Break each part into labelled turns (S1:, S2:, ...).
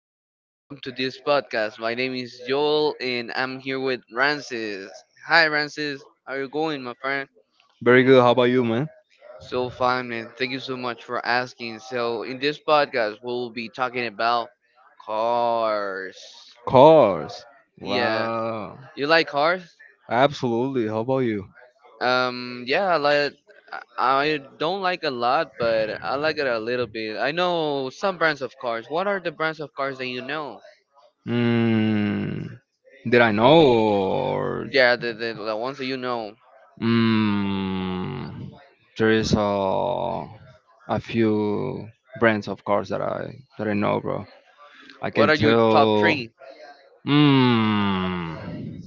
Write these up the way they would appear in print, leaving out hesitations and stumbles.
S1: Hello, welcome to this podcast. My name is Joel and I'm here with Francis. Hi Francis, how are you going, my friend?
S2: Very good. How about you, man?
S1: So fine, man. Thank you so much for asking. So, in this podcast, we'll be talking about cars.
S2: Cars.
S1: Yeah,
S2: Wow.
S1: you like cars?
S2: Absolutely. How about you?
S1: Yeah, I like. I don't like a lot, but I like it a little bit. I know some brands of cars. What are the brands of cars that you know?
S2: Mm, did I know or
S1: Yeah, the ones that you know.
S2: mm, there is a few brands of cars that I know, bro. I
S1: What
S2: can
S1: are your top
S2: tell.
S1: three?
S2: Mm,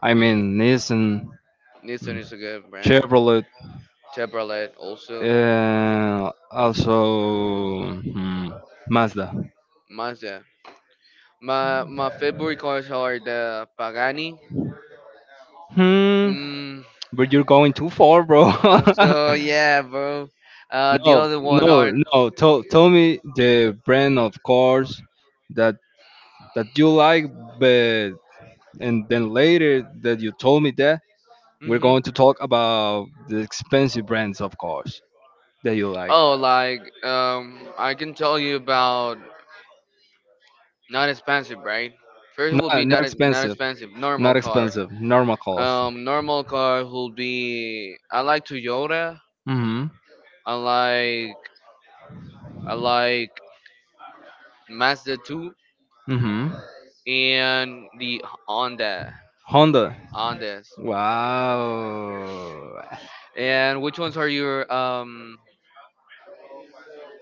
S2: I mean Nissan.
S1: Nissan
S2: Hmm.
S1: is a good brand.
S2: Chevrolet,
S1: Chevrolet also.
S2: also Mazda.
S1: Mazda. My favorite cars are the Pagani.
S2: Hmm,
S1: Mm,
S2: but you're going too far, bro.
S1: so yeah, bro. The
S2: No,
S1: other one are.
S2: no, no. Tell me the brand of cars that you like, but and then later that you told me that we're
S1: hmm
S2: going to talk about the expensive brands of cars that you like.
S1: Oh, like I can tell you about not expensive, right? First will be
S2: Not, not
S1: not
S2: expensive.
S1: expensive. Normal
S2: Not
S1: cars.
S2: expensive. Normal cost.
S1: Normal car will be. I like Toyota.
S2: Mm-hmm.
S1: I like I like Mazda 2
S2: Mm-hmm.
S1: and the Honda.
S2: Honda.
S1: Hondas.
S2: Wow.
S1: And which ones are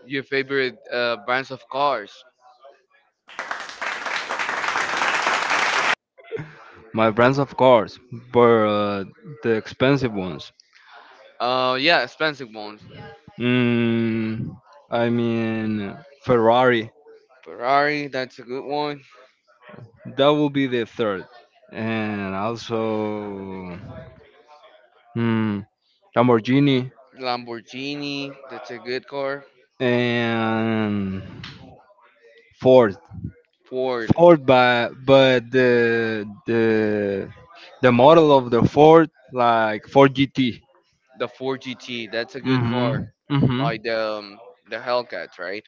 S1: your favorite brands of cars?
S2: My brands, of course, but the expensive ones.
S1: Yeah, expensive ones.
S2: Mm, I mean, Ferrari.
S1: Ferrari, that's a good one.
S2: That will be the third. And also, hmm, Lamborghini
S1: Lamborghini, that's a good car.
S2: and Ford.
S1: Ford,
S2: Ford, but the model of the Ford, like Ford GT.
S1: the Ford GT, that's a good
S2: Mm-hmm.
S1: car.
S2: Mm-hmm.
S1: Like the Hellcat, right?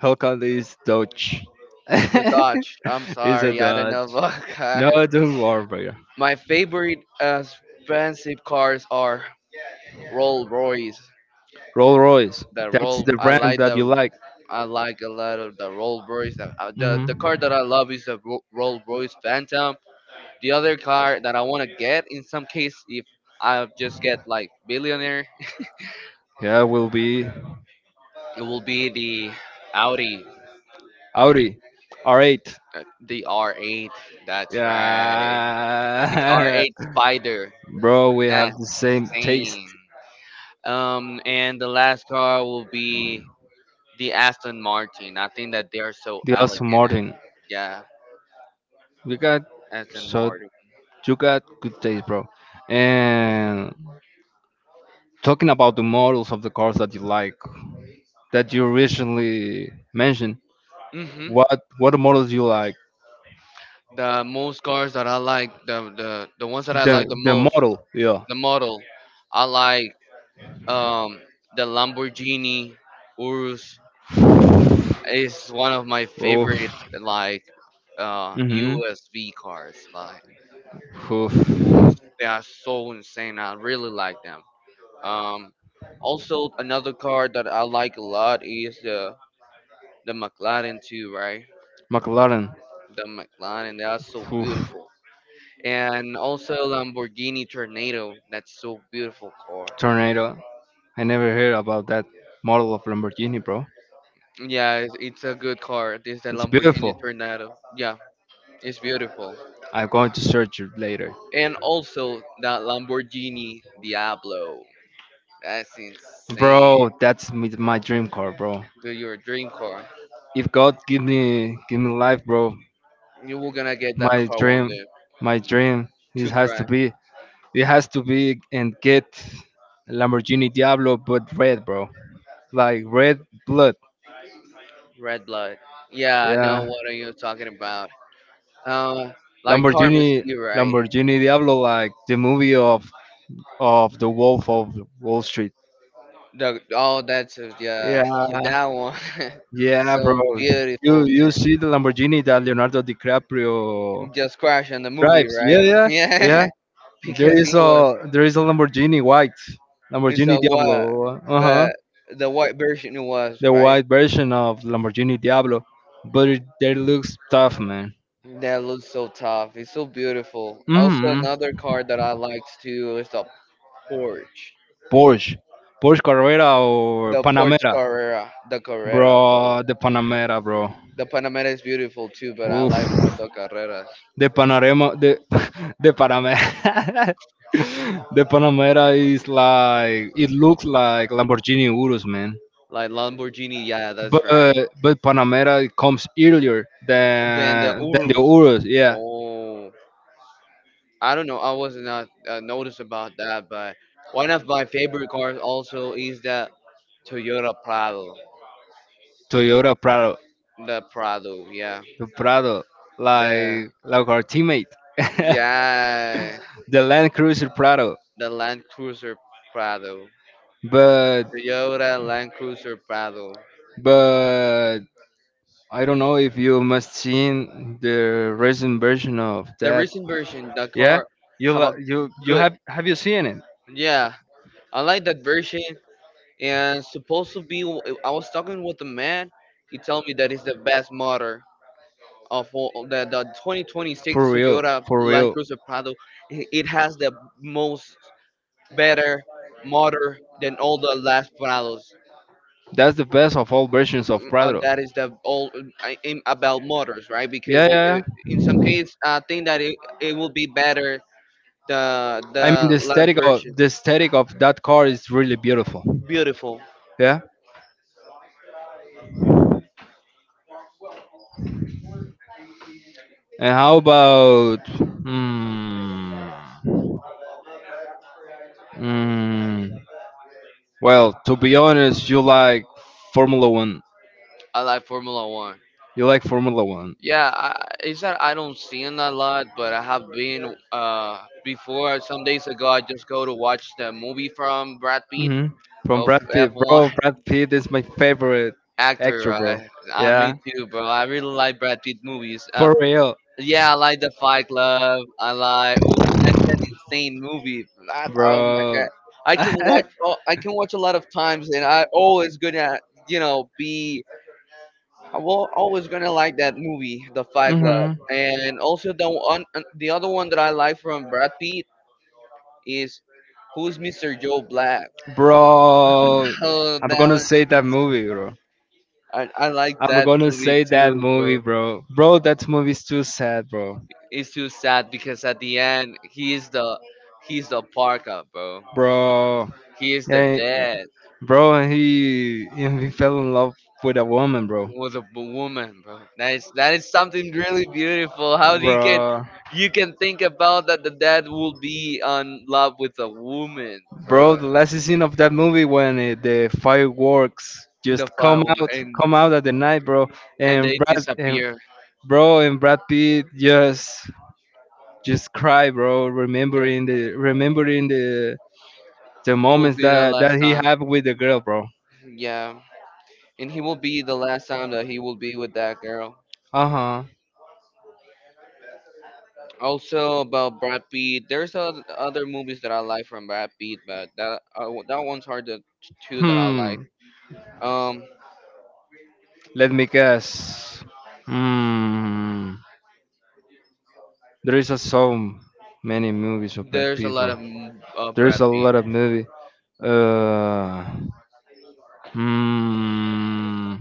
S2: Hellcat is Dodge.
S1: It's a Dodge. I'm
S2: It's a
S1: sorry, I don't know
S2: Dodge.
S1: about
S2: No,
S1: car.
S2: don't worry, brother.
S1: My favorite expensive cars are Rolls Royce.
S2: Rolls Royce.
S1: The
S2: That's
S1: Roll,
S2: the
S1: I
S2: brand
S1: like
S2: that you
S1: the
S2: like.
S1: I like a lot of the Rolls Royce. The the
S2: Mm-hmm.
S1: car that I love is the Rolls Royce Phantom. The other car that I want to get, in some case, if I just get like billionaire,
S2: Yeah, will be
S1: it will be the Audi,
S2: Audi R8.
S1: the R8. That's right, the
S2: Yeah,
S1: R8 Spider.
S2: bro, we have
S1: That's
S2: the same taste.
S1: insane. And the last car will be the Aston Martin. I think that they are so
S2: They also
S1: elegant.
S2: Martin.
S1: Yeah,
S2: You got
S1: Aston
S2: so
S1: Martin.
S2: you got good taste, bro. And talking about the models of the cars that you like, that you recently mentioned,
S1: hmm
S2: what what models you like?
S1: The most cars that I like, the ones that I like
S2: The
S1: the
S2: the
S1: most,
S2: model, yeah.
S1: the model, I like um the Lamborghini Urus is one of my favorite
S2: Oof.
S1: like
S2: Mhm.
S1: USB cars. Like
S2: Oof.
S1: they are so insane. I really like them. Um Also another car that I like a lot is the McLaren too, right?
S2: McLaren.
S1: The McLaren, that's so
S2: Oof.
S1: beautiful. And also Lamborghini Tornado, that's so beautiful car.
S2: Tornado. I never heard about that model of Lamborghini, bro.
S1: Yeah, it's a good car. This the
S2: It's
S1: Lamborghini
S2: beautiful.
S1: Tornado. Yeah, it's beautiful.
S2: I'm going to search it later.
S1: And also that Lamborghini Diablo. That's insane.
S2: Bro, that's my dream car, bro.
S1: Do your dream car.
S2: If God give me life, bro,
S1: You were gonna get that
S2: my
S1: car one
S2: dream,
S1: day
S2: my dream, it
S1: to
S2: has to
S1: drive.
S2: be, and get Lamborghini Diablo, but red, bro, like red blood.
S1: Red blood. Yeah, I know
S2: Yeah,
S1: what are you talking about. Uh, like Car
S2: Lamborghini,
S1: Mystique, right?
S2: Lamborghini Diablo, like the movie of the Wolf of Wall Street.
S1: The Oh,
S2: Yeah,
S1: yeah, that one.
S2: yeah, bro.
S1: So
S2: You
S1: beautiful,
S2: you see the Lamborghini that Leonardo DiCaprio
S1: man. Just crash in the movie,
S2: drives? Yeah,
S1: right?
S2: yeah, yeah.
S1: Yeah,
S2: There
S1: because
S2: is
S1: he was
S2: a Lamborghini white,
S1: it's
S2: Lamborghini
S1: a what,
S2: Diablo. Uh huh.
S1: but the white version it was
S2: The
S1: right.
S2: white version of Lamborghini Diablo, but it, that looks tough, man.
S1: That looks so tough. It's so beautiful. Also,
S2: Mm-hmm.
S1: another car that I liked too is the Porsche.
S2: Porsche, Porsche Carrera or
S1: The Porsche
S2: Panamera,
S1: Carrera, the Carrera, bro.
S2: bro. The Panamera, bro.
S1: The Panamera is beautiful too, but I
S2: Oof.
S1: like more the Carrera.
S2: The Panarema, the the Panamera. The Panamera is like it looks like Lamborghini Urus, man.
S1: Like Lamborghini, yeah, that's
S2: but
S1: right.
S2: but Panamera comes earlier
S1: Then the
S2: than the
S1: Urus.
S2: Urus. Yeah,
S1: Oh, I don't know. I was not noticed about that, but one of my favorite cars also is the Toyota Prado.
S2: Toyota Prado,
S1: The Prado, yeah.
S2: the Prado,
S1: The
S2: like our teammate,
S1: Yeah,
S2: the Land Cruiser Prado.
S1: the Land Cruiser Prado,
S2: But
S1: Toyota Land Cruiser Prado.
S2: but I don't know if you must seen the recent version of
S1: The
S2: that.
S1: recent version, the
S2: Yeah,
S1: car
S2: you
S1: have a
S2: li- you
S1: good
S2: have you seen it?
S1: yeah. I like that version. And supposed to be, I was talking with a man. He told me that it's the best motor of all the 2026
S2: For real,
S1: Toyota
S2: for
S1: Land
S2: real.
S1: Cruiser Prado. It has the most better motor than all the last Prados.
S2: That's the best of all versions of Prado.
S1: That is the all I am about motors, right?
S2: Yeah,
S1: Because
S2: yeah,
S1: in some
S2: yeah.
S1: case, I think that it will be better the
S2: I mean,
S1: the
S2: the
S1: last
S2: aesthetic of
S1: version.
S2: the aesthetic of that car is really beautiful.
S1: Beautiful.
S2: Yeah. And how about? Hmm. Hmm. Well, to be honest, you like Formula One.
S1: I like Formula One.
S2: You like Formula One.
S1: Yeah, it's that I don't see it a lot, but I have been before. Some days ago, I just go to watch the movie from Brad Pitt
S2: Hmm. From
S1: of
S2: Brad Pitt, bro.
S1: F1
S2: Brad Pitt is my favorite
S1: actor.
S2: actor, bro.
S1: I Me
S2: Yeah,
S1: too, bro. I really like Brad Pitt movies.
S2: for real,
S1: Yeah, I like the Fight Club. I like. Ooh, that's an insane movie. That, oh my god,
S2: bro.
S1: I can watch. Oh, I can watch a lot of times, and I always gonna, you know, be. I will always gonna like that movie, The Fight Club,
S2: Hmm.
S1: and also the one, the other one that I like from Brad Pitt is, Who's Mr. Joe Black?
S2: Bro,
S1: Oh,
S2: I'm
S1: that
S2: gonna
S1: one.
S2: say that movie, bro.
S1: I like
S2: I'm
S1: that
S2: gonna
S1: movie
S2: say that
S1: too,
S2: movie,
S1: bro.
S2: bro. Bro, that movie's too sad, bro.
S1: It's too sad because at the end he's the parka, bro.
S2: Bro.
S1: He is the
S2: Yeah, yeah.
S1: dad.
S2: Bro. He fell in love with a woman, bro.
S1: With woman, bro. That is something really beautiful. How
S2: Bro,
S1: you can think about that the dad will be on love with a woman,
S2: bro.
S1: bro.
S2: The last scene of that movie when the fireworks
S1: In the
S2: just come
S1: file
S2: out, come out at the night, bro.
S1: and
S2: And
S1: they
S2: Brad, and,
S1: disappear.
S2: bro, and Brad Pitt just cry, bro.
S1: Yeah.
S2: Remembering the
S1: It will
S2: moments
S1: be the
S2: that
S1: last
S2: that he
S1: time.
S2: had with the girl, bro.
S1: Yeah. And he will be the last time that he will be with that girl.
S2: Uh-huh.
S1: Also about Brad Pitt, there's other movies that I like from Brad Pitt, but that ones are the two that I like.
S2: Hmm.
S1: Um,
S2: Let me guess. Hmm. There is a so many movies of Brad
S1: there's a
S2: Pitt,
S1: lot
S2: bro.
S1: of
S2: There is
S1: Brad
S2: a
S1: Pitt.
S2: lot of movie. Uh. Hmm.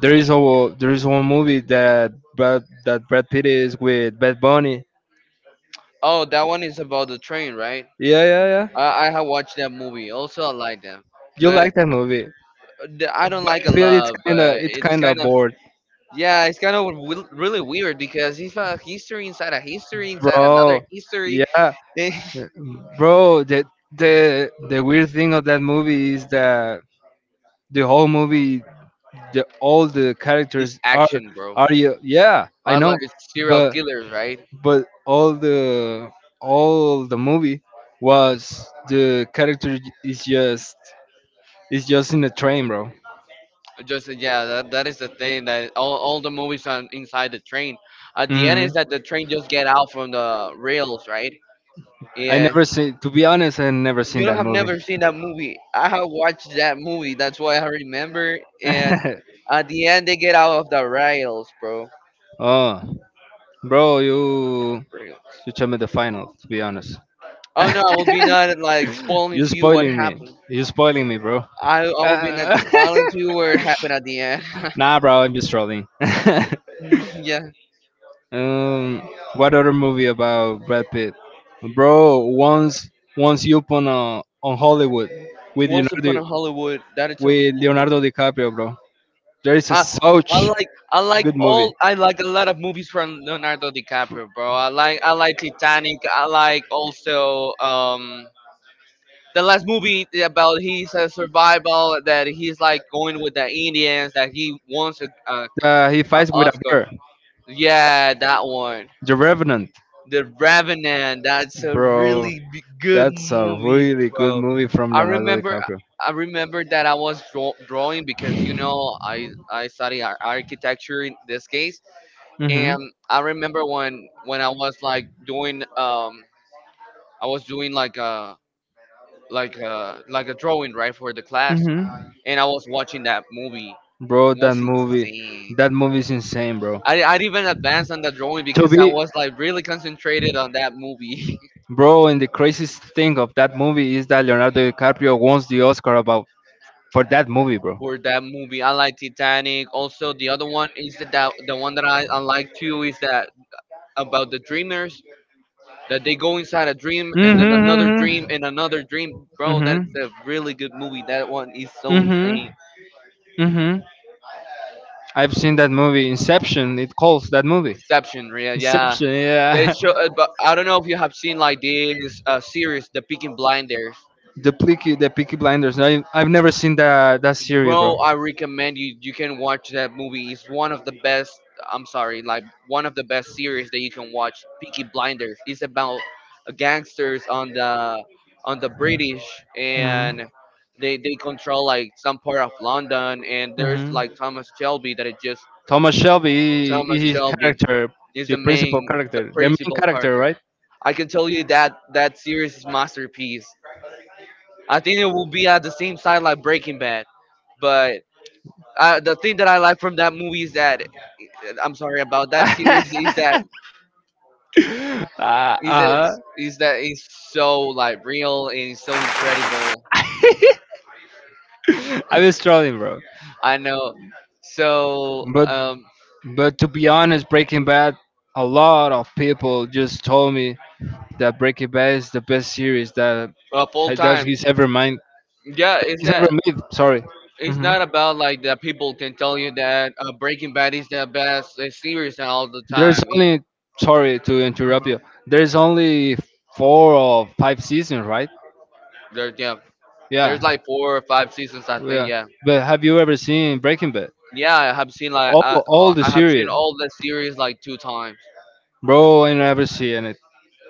S2: There is a there is one movie that Brad Pitt is with Bad Bunny.
S1: Oh, that one is about the train, right?
S2: Yeah, yeah, yeah.
S1: I have watched that movie. Also, I like them,
S2: You
S1: but
S2: like that movie,
S1: I
S2: but
S1: don't like
S2: I
S1: a
S2: feel it's
S1: lot.
S2: kind of
S1: But
S2: it's
S1: it's
S2: kind of
S1: kind of
S2: bored,
S1: yeah, it's kind of really weird because it's a history inside another
S2: bro.
S1: history.
S2: Yeah,
S1: It's
S2: bro, the weird thing of that movie is that the whole movie, the all the characters are
S1: action, bro.
S2: are you? Yeah, I
S1: I
S2: know,
S1: like serial
S2: but
S1: killers, right?
S2: but all the movie was the character is just is just in a train, bro.
S1: Just yeah, that is the thing that all the movies on inside the train. At the end
S2: Hmm.
S1: is that the train just get out from the rails, right?
S2: I
S1: Yeah.
S2: never seen. To be honest, I never seen
S1: You know,
S2: that
S1: I've
S2: movie.
S1: never seen that movie. I have watched that movie. That's why I remember. And at the end, they get out of the rails, bro.
S2: Oh, bro, you
S1: Rails.
S2: you told me the final. To be honest,
S1: Oh no, I will be not like spoiling
S2: you
S1: to you what
S2: spoiling me.
S1: happened.
S2: You spoiling me, bro.
S1: I will be not
S2: Uh,
S1: spoiling to you where it happened at the end.
S2: nah, bro, I'm just trolling.
S1: Yeah,
S2: um, what other movie about Brad Pitt, bro? Once you upon on Hollywood with
S1: Once Upon a
S2: Leonardo
S1: Hollywood. That is a good movie.
S2: DiCaprio, bro. There is a
S1: I, I
S2: such
S1: like
S2: good movie.
S1: I like a lot of movies from Leonardo DiCaprio, bro. I like Titanic. I like also the last movie about he's a survival that he's like going with the Indians that he wants
S2: He
S1: a
S2: fights with a
S1: Oscar.
S2: bear.
S1: Yeah, that one.
S2: The Revenant.
S1: The Revenant. That's a
S2: Bro,
S1: really good
S2: that's a
S1: movie,
S2: really good
S1: bro.
S2: movie from
S1: I
S2: Leonardo
S1: remember.
S2: DiCaprio.
S1: I remember that I was drawing because you know I study architecture in this case,
S2: Mm-hmm.
S1: and I remember when I was like doing I was doing like a like a drawing right for the class,
S2: Mm-hmm.
S1: and I was watching that movie.
S2: Bro,
S1: It
S2: that
S1: was
S2: movie,
S1: insane.
S2: that movie is insane, bro.
S1: I didn't even advance on the drawing
S2: To
S1: because I
S2: be,
S1: was like really concentrated on that movie.
S2: bro, and the craziest thing of that movie is that Leonardo DiCaprio wants the Oscar about for that movie, bro.
S1: For that movie, I like Titanic. Also, the other one is the one that I like too is that about the dreamers that they go inside a dream and then another dream and
S2: Mm-hmm.
S1: another dream. Bro, that's
S2: Mm-hmm.
S1: a really good movie. That one is so
S2: Mm-hmm.
S1: insane.
S2: Mm-hmm. I've seen that movie, Inception. It calls that movie
S1: Exception, yeah, yeah.
S2: Inception.
S1: They
S2: Yeah.
S1: show, but I don't know if you have seen like this series, The Peaky Blinders.
S2: The Peaky Blinders. I've never seen that series,
S1: Bro,
S2: bro.
S1: I recommend you. You can watch that movie. It's one of the best. I'm sorry, like one of the best series that you can watch. Peaky Blinders. It's about gangsters on the British,
S2: Hmm.
S1: and they control like some part of London. And there's
S2: Hmm.
S1: like Thomas Shelby that it just
S2: Thomas Shelby character,
S1: Thomas
S2: is
S1: Shelby
S2: character,
S1: is the
S2: the
S1: main the
S2: character,
S1: principal
S2: character.
S1: character.
S2: Right?
S1: I can tell you that that series is masterpiece. I think it will be at the same side like Breaking Bad, but the thing that I like from that movie is that I'm sorry about that series
S2: Is that is that
S1: is that
S2: uh-huh.
S1: is that it's so like real and it's so incredible.
S2: Like I'm struggling, bro.
S1: I know. So
S2: But but to be honest, Breaking Bad, a lot of people just told me that Breaking Bad is the best series that
S1: full
S2: that
S1: time.
S2: he's ever made.
S1: Yeah, is
S2: He's ever
S1: that
S2: made. Sorry.
S1: it's
S2: Hmm.
S1: not about like that people can tell you that Breaking Bad is the best series all the time.
S2: There's
S1: It-
S2: only sorry to interrupt you. There's only four or five seasons, right?
S1: There's yeah, there's
S2: Yeah.
S1: like four or five seasons I think.
S2: Yeah.
S1: Yeah,
S2: But have you ever seen Breaking Bad?
S1: yeah,
S2: All all the
S1: I have seen
S2: series.
S1: all the series like two times.
S2: Bro, I never seen it.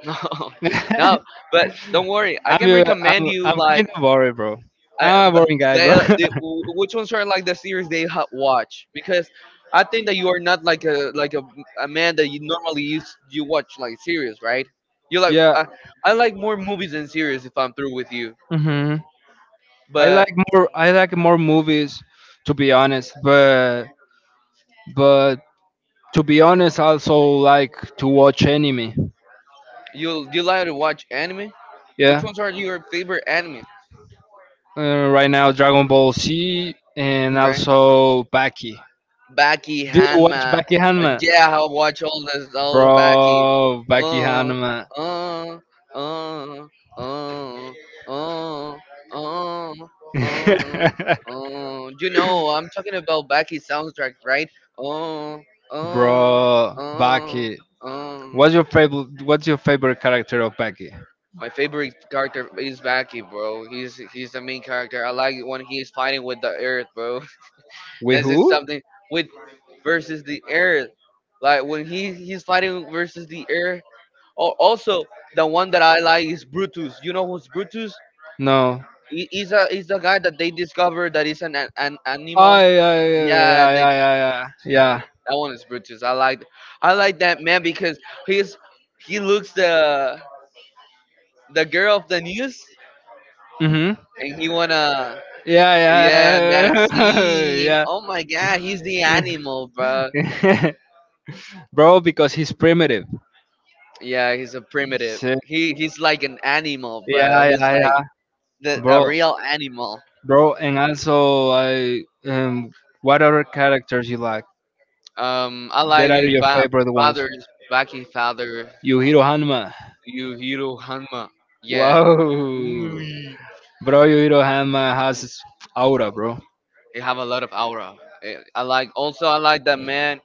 S1: No, no, but
S2: I'm,
S1: don't worry. I
S2: I
S1: can recommend you
S2: I'm
S1: like
S2: kind of boring, bro.
S1: I,
S2: I'm a
S1: b-
S2: boring guy, bro.
S1: they, wh- which ones are like the series they watch because I think that you are not like a a man that you normally use you watch like series, right? You like
S2: Yeah.
S1: I like more movies than series if I'm through with you.
S2: Hmm. I
S1: But
S2: like more. I like more movies, to be honest. But to be honest, I also like to watch anime.
S1: you like to watch anime? Which
S2: Yeah.
S1: ones are your favorite anime?
S2: Right now, Dragon Ball Z and
S1: Right?
S2: also Baki.
S1: Baki
S2: Do you watch
S1: Hanma.
S2: Becky Hanma?
S1: Yeah, how watch all this all the Baki.
S2: Bro, Becky
S1: Uh
S2: Hanma.
S1: uh uh uh uh uh uh you know I'm talking about Baki soundtrack, right? Uh uh
S2: Bro,
S1: uh
S2: Becky.
S1: um
S2: What's your favorite character of Becky?
S1: my favorite character is Baki, bro. He's the main character. I like it when he's fighting with the earth, bro.
S2: With
S1: This is
S2: who?
S1: something with versus the air. Like when he's fighting versus the air. Or also the one that I like is Brutus. You know who's Brutus?
S2: No.
S1: He, he's a he's the guy that they discovered that is an
S2: Oh,
S1: animal.
S2: yeah,
S1: Yeah,
S2: yeah, yeah, yeah, yeah,
S1: that one is Brutus. I like that man because he's he looks the girl of the news
S2: yeah. Yeah.
S1: and he wanna, yeah, that
S2: Yeah,
S1: scene.
S2: yeah,
S1: Oh my god, he's the animal, bro.
S2: yeah. Bro, because he's primitive.
S1: Yeah, he's a primitive.
S2: So,
S1: He's like an animal, bro.
S2: yeah,
S1: He's
S2: yeah, yeah,
S1: like the a
S2: bro,
S1: real animal.
S2: bro, and also, I what other characters you like?
S1: I
S2: That
S1: like
S2: are
S1: it.
S2: your favorite ones?
S1: Father's Baki father,
S2: Yuhiro Hanma.
S1: Yuhiro Hanma. Yeah,
S2: Wow,
S1: ooh,
S2: bro, Yuhiro Hanma has aura, bro.
S1: they have a lot of aura. I like. Also, I like that man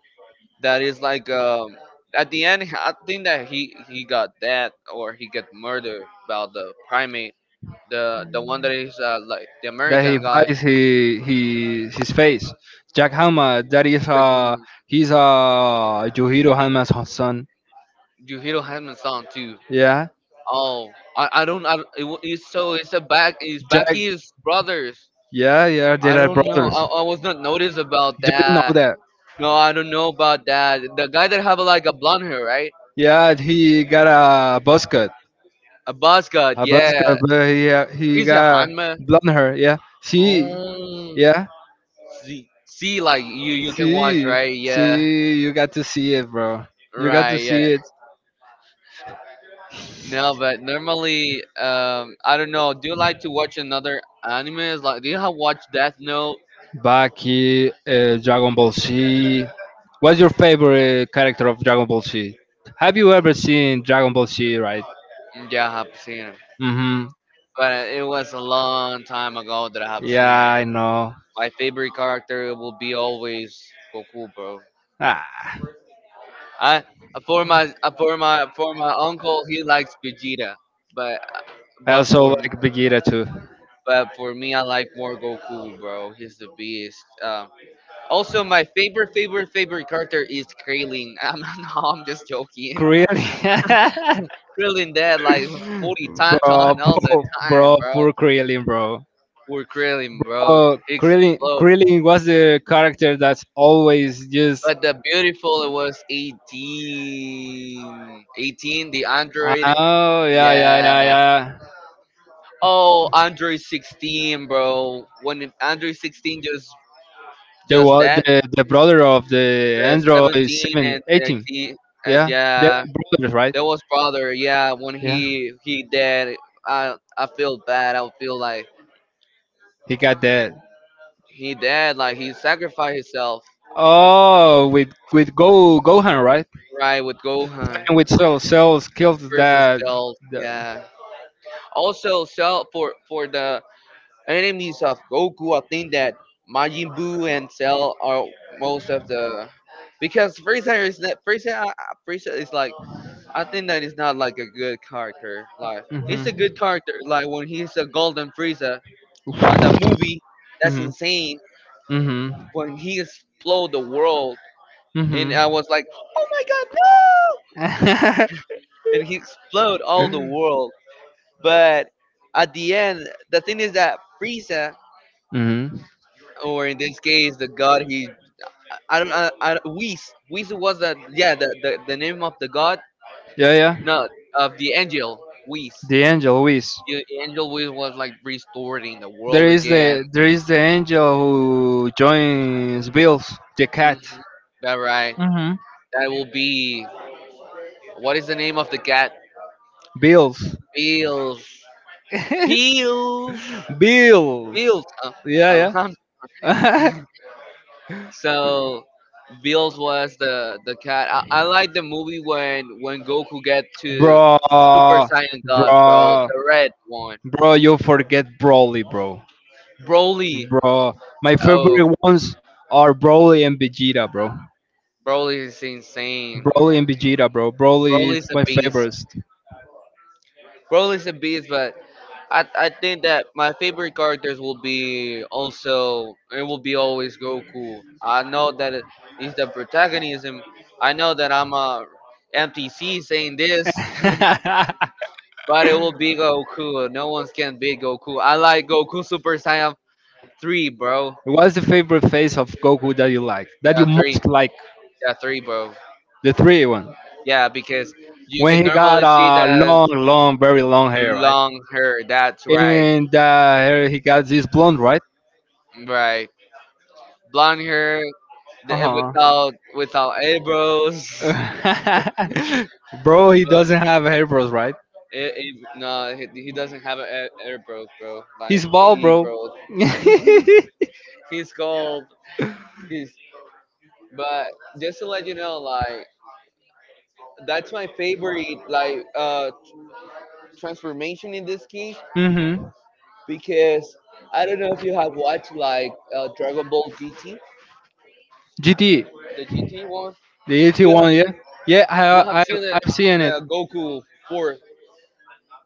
S1: that is like. At the end, I think that he got dead or he got murdered by the primate. The one that is like the
S2: That he
S1: American guy
S2: buys he his face. Jack Hama, that is
S1: took him.
S2: he's Yohiro Hama's son.
S1: Yuhiro Hanma's son too.
S2: Yeah,
S1: Oh, I don't. It's so. It's a back. It's
S2: Jack.
S1: Baki's brothers.
S2: Yeah, yeah, they
S1: I
S2: are
S1: don't know.
S2: brothers.
S1: I was not noticed about
S2: You didn't know
S1: that.
S2: that.
S1: No, I don't know about that. The guy that have like a blonde hair, right?
S2: Yeah, he got a buzz cut.
S1: A boss god,
S2: A buzz
S1: yeah.
S2: cut, but he
S1: He's a
S2: got
S1: Hanma.
S2: blonde hair. Yeah, see,
S1: Oh,
S2: yeah,
S1: see, see, like you can watch,
S2: see,
S1: right? Yeah,
S2: see, you got to see it, bro. You got
S1: right,
S2: to
S1: yeah.
S2: see it.
S1: No, but normally, I don't know. Do you like to watch another anime? Like, do you have watched Death Note?
S2: Baki, Dragon Ball Z. What's your favorite character of Dragon Ball Z? Have you ever seen Dragon Ball Z, right?
S1: Yeah, I have seen it,
S2: Mm-hmm.
S1: but it was a long time ago that I have seen
S2: Yeah,
S1: it.
S2: I know.
S1: My favorite character will be always Goku, bro.
S2: Ah.
S1: I for my for my for my uncle, he likes Vegeta, but
S2: I
S1: but
S2: also
S1: for me,
S2: like Vegeta too.
S1: I like more Goku, bro. He's the beast. Also, my favorite character is Krillin. I'm no, I'm just joking.
S2: Really?
S1: Krillin dead like 40 times
S2: Bro,
S1: on all the
S2: poor,
S1: time,
S2: bro,
S1: bro.
S2: poor Krillin, bro.
S1: Poor Krillin, bro.
S2: Oh, Krillin,
S1: Explode.
S2: Krillin was the character that's always just.
S1: But the beautiful it was eighteen, the android.
S2: Oh, yeah, yeah,
S1: Yeah,
S2: yeah, yeah.
S1: oh, Android 16, bro. Android 16 just
S2: The
S1: just
S2: wa-
S1: that,
S2: the the brother of the
S1: the
S2: Android
S1: 17
S2: 7
S1: and
S2: 18,
S1: 18, and
S2: yeah, they're
S1: yeah,
S2: brothers, right?
S1: that was brother. Yeah, when
S2: Yeah.
S1: he dead, I feel bad. I feel like
S2: He got that.
S1: he dead, like he sacrificed himself,
S2: Oh, with Go Gohan, right?
S1: right, with Gohan
S2: And with Cell kills
S1: versus
S2: that.
S1: Cell.
S2: The,
S1: Yeah. Also, Cell, for the enemies of Goku. I think that Majin Buu and Cell are most of the, because Frieza is not Frieza. Frieza is like, I think that is not like a good character. Like
S2: mhm.
S1: it's a good character. Like when he's a Golden Frieza on the movie, that's
S2: Mhm.
S1: insane.
S2: Mhm.
S1: When he explode the world, and
S2: Mhm.
S1: I was like, oh my god, no! And he explode all the world. But at the end, the thing is that Frieza,
S2: Mhm.
S1: or in this case, the god, he, I don't. Whis. Whis was the name of the god.
S2: Yeah, yeah.
S1: No, of the angel Whis.
S2: The angel Luis.
S1: The angel Whis was like restoring the
S2: There
S1: world
S2: is
S1: again.
S2: the there is the angel who joins Bills, the
S1: Hmm.
S2: cat.
S1: That right.
S2: Hmm.
S1: That will be. What is the name of the cat?
S2: Bills.
S1: Bills. Bills.
S2: Bills.
S1: Bills. Uh,
S2: Yeah,
S1: um,
S2: yeah.
S1: so Bills was the cat. I like the movie when Goku get to
S2: Bro,
S1: Super Saiyan God, bro.
S2: bro,
S1: The red one.
S2: bro, you forget Broly, bro.
S1: Broly.
S2: Bro, my
S1: Oh,
S2: favorite ones are Broly and Vegeta, bro.
S1: Broly is insane.
S2: Broly and Vegeta, bro. Broly is
S1: Broly's a
S2: my
S1: beast.
S2: favorite.
S1: Broly's a beast, but I think that my favorite characters will be also, it will be always Goku. I know that he's the protagonism. I know that I'm a MTC saying this, but it will be Goku. No one can beat Goku. I like Goku Super Saiyan three, bro.
S2: What's the favorite phase of Goku that you like? That you
S1: Yeah, three.
S2: most like?
S1: Yeah, three, bro.
S2: The three one.
S1: Yeah, because you can
S2: When he got
S1: normally see the
S2: long, long, very long hair, right?
S1: long hair. That's right.
S2: And hair he got this blonde, right?
S1: Right. Blonde hair,
S2: Uh huh.
S1: without eyebrows.
S2: Bro, he
S1: But
S2: doesn't have hair, bros, right?
S1: no, he doesn't have an eyebrow, bro. Like
S2: He's
S1: an
S2: bald, bro.
S1: eyebrow. He's called. He's But just to let you know, like that's my favorite like transformation in this case,
S2: Mm-hmm.
S1: because I don't know if you have watched like Dragon Ball GT,
S2: GT,
S1: the GT one.
S2: the GT
S1: You have
S2: one, yeah,
S1: seen
S2: yeah.
S1: you have
S2: I, I
S1: seen the,
S2: I've seen it.
S1: the Goku fourth,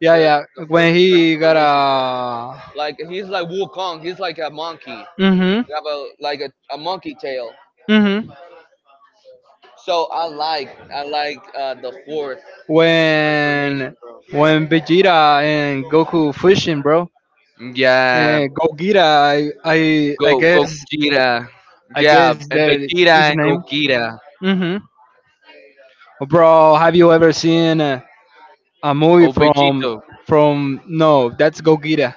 S2: Yeah,
S1: the
S2: yeah.
S1: the fourth
S2: When he got
S1: transformation.
S2: a.
S1: Like he's like Wukong. He's like a monkey.
S2: Mhm.
S1: You have a like a monkey tail.
S2: Mhm.
S1: So I like the fourth
S2: When
S1: transformation, bro.
S2: when Vegeta and Goku fusion, bro.
S1: Yeah,
S2: And Gogeta,
S1: go Gogeta.
S2: I
S1: Yeah,
S2: guess
S1: and
S2: that
S1: Vegeta
S2: is the
S1: and
S2: name.
S1: Gogeta.
S2: Mhm. Bro, have you ever seen a movie
S1: Oh,
S2: from
S1: Vegito.
S2: from no, that's Gogeta.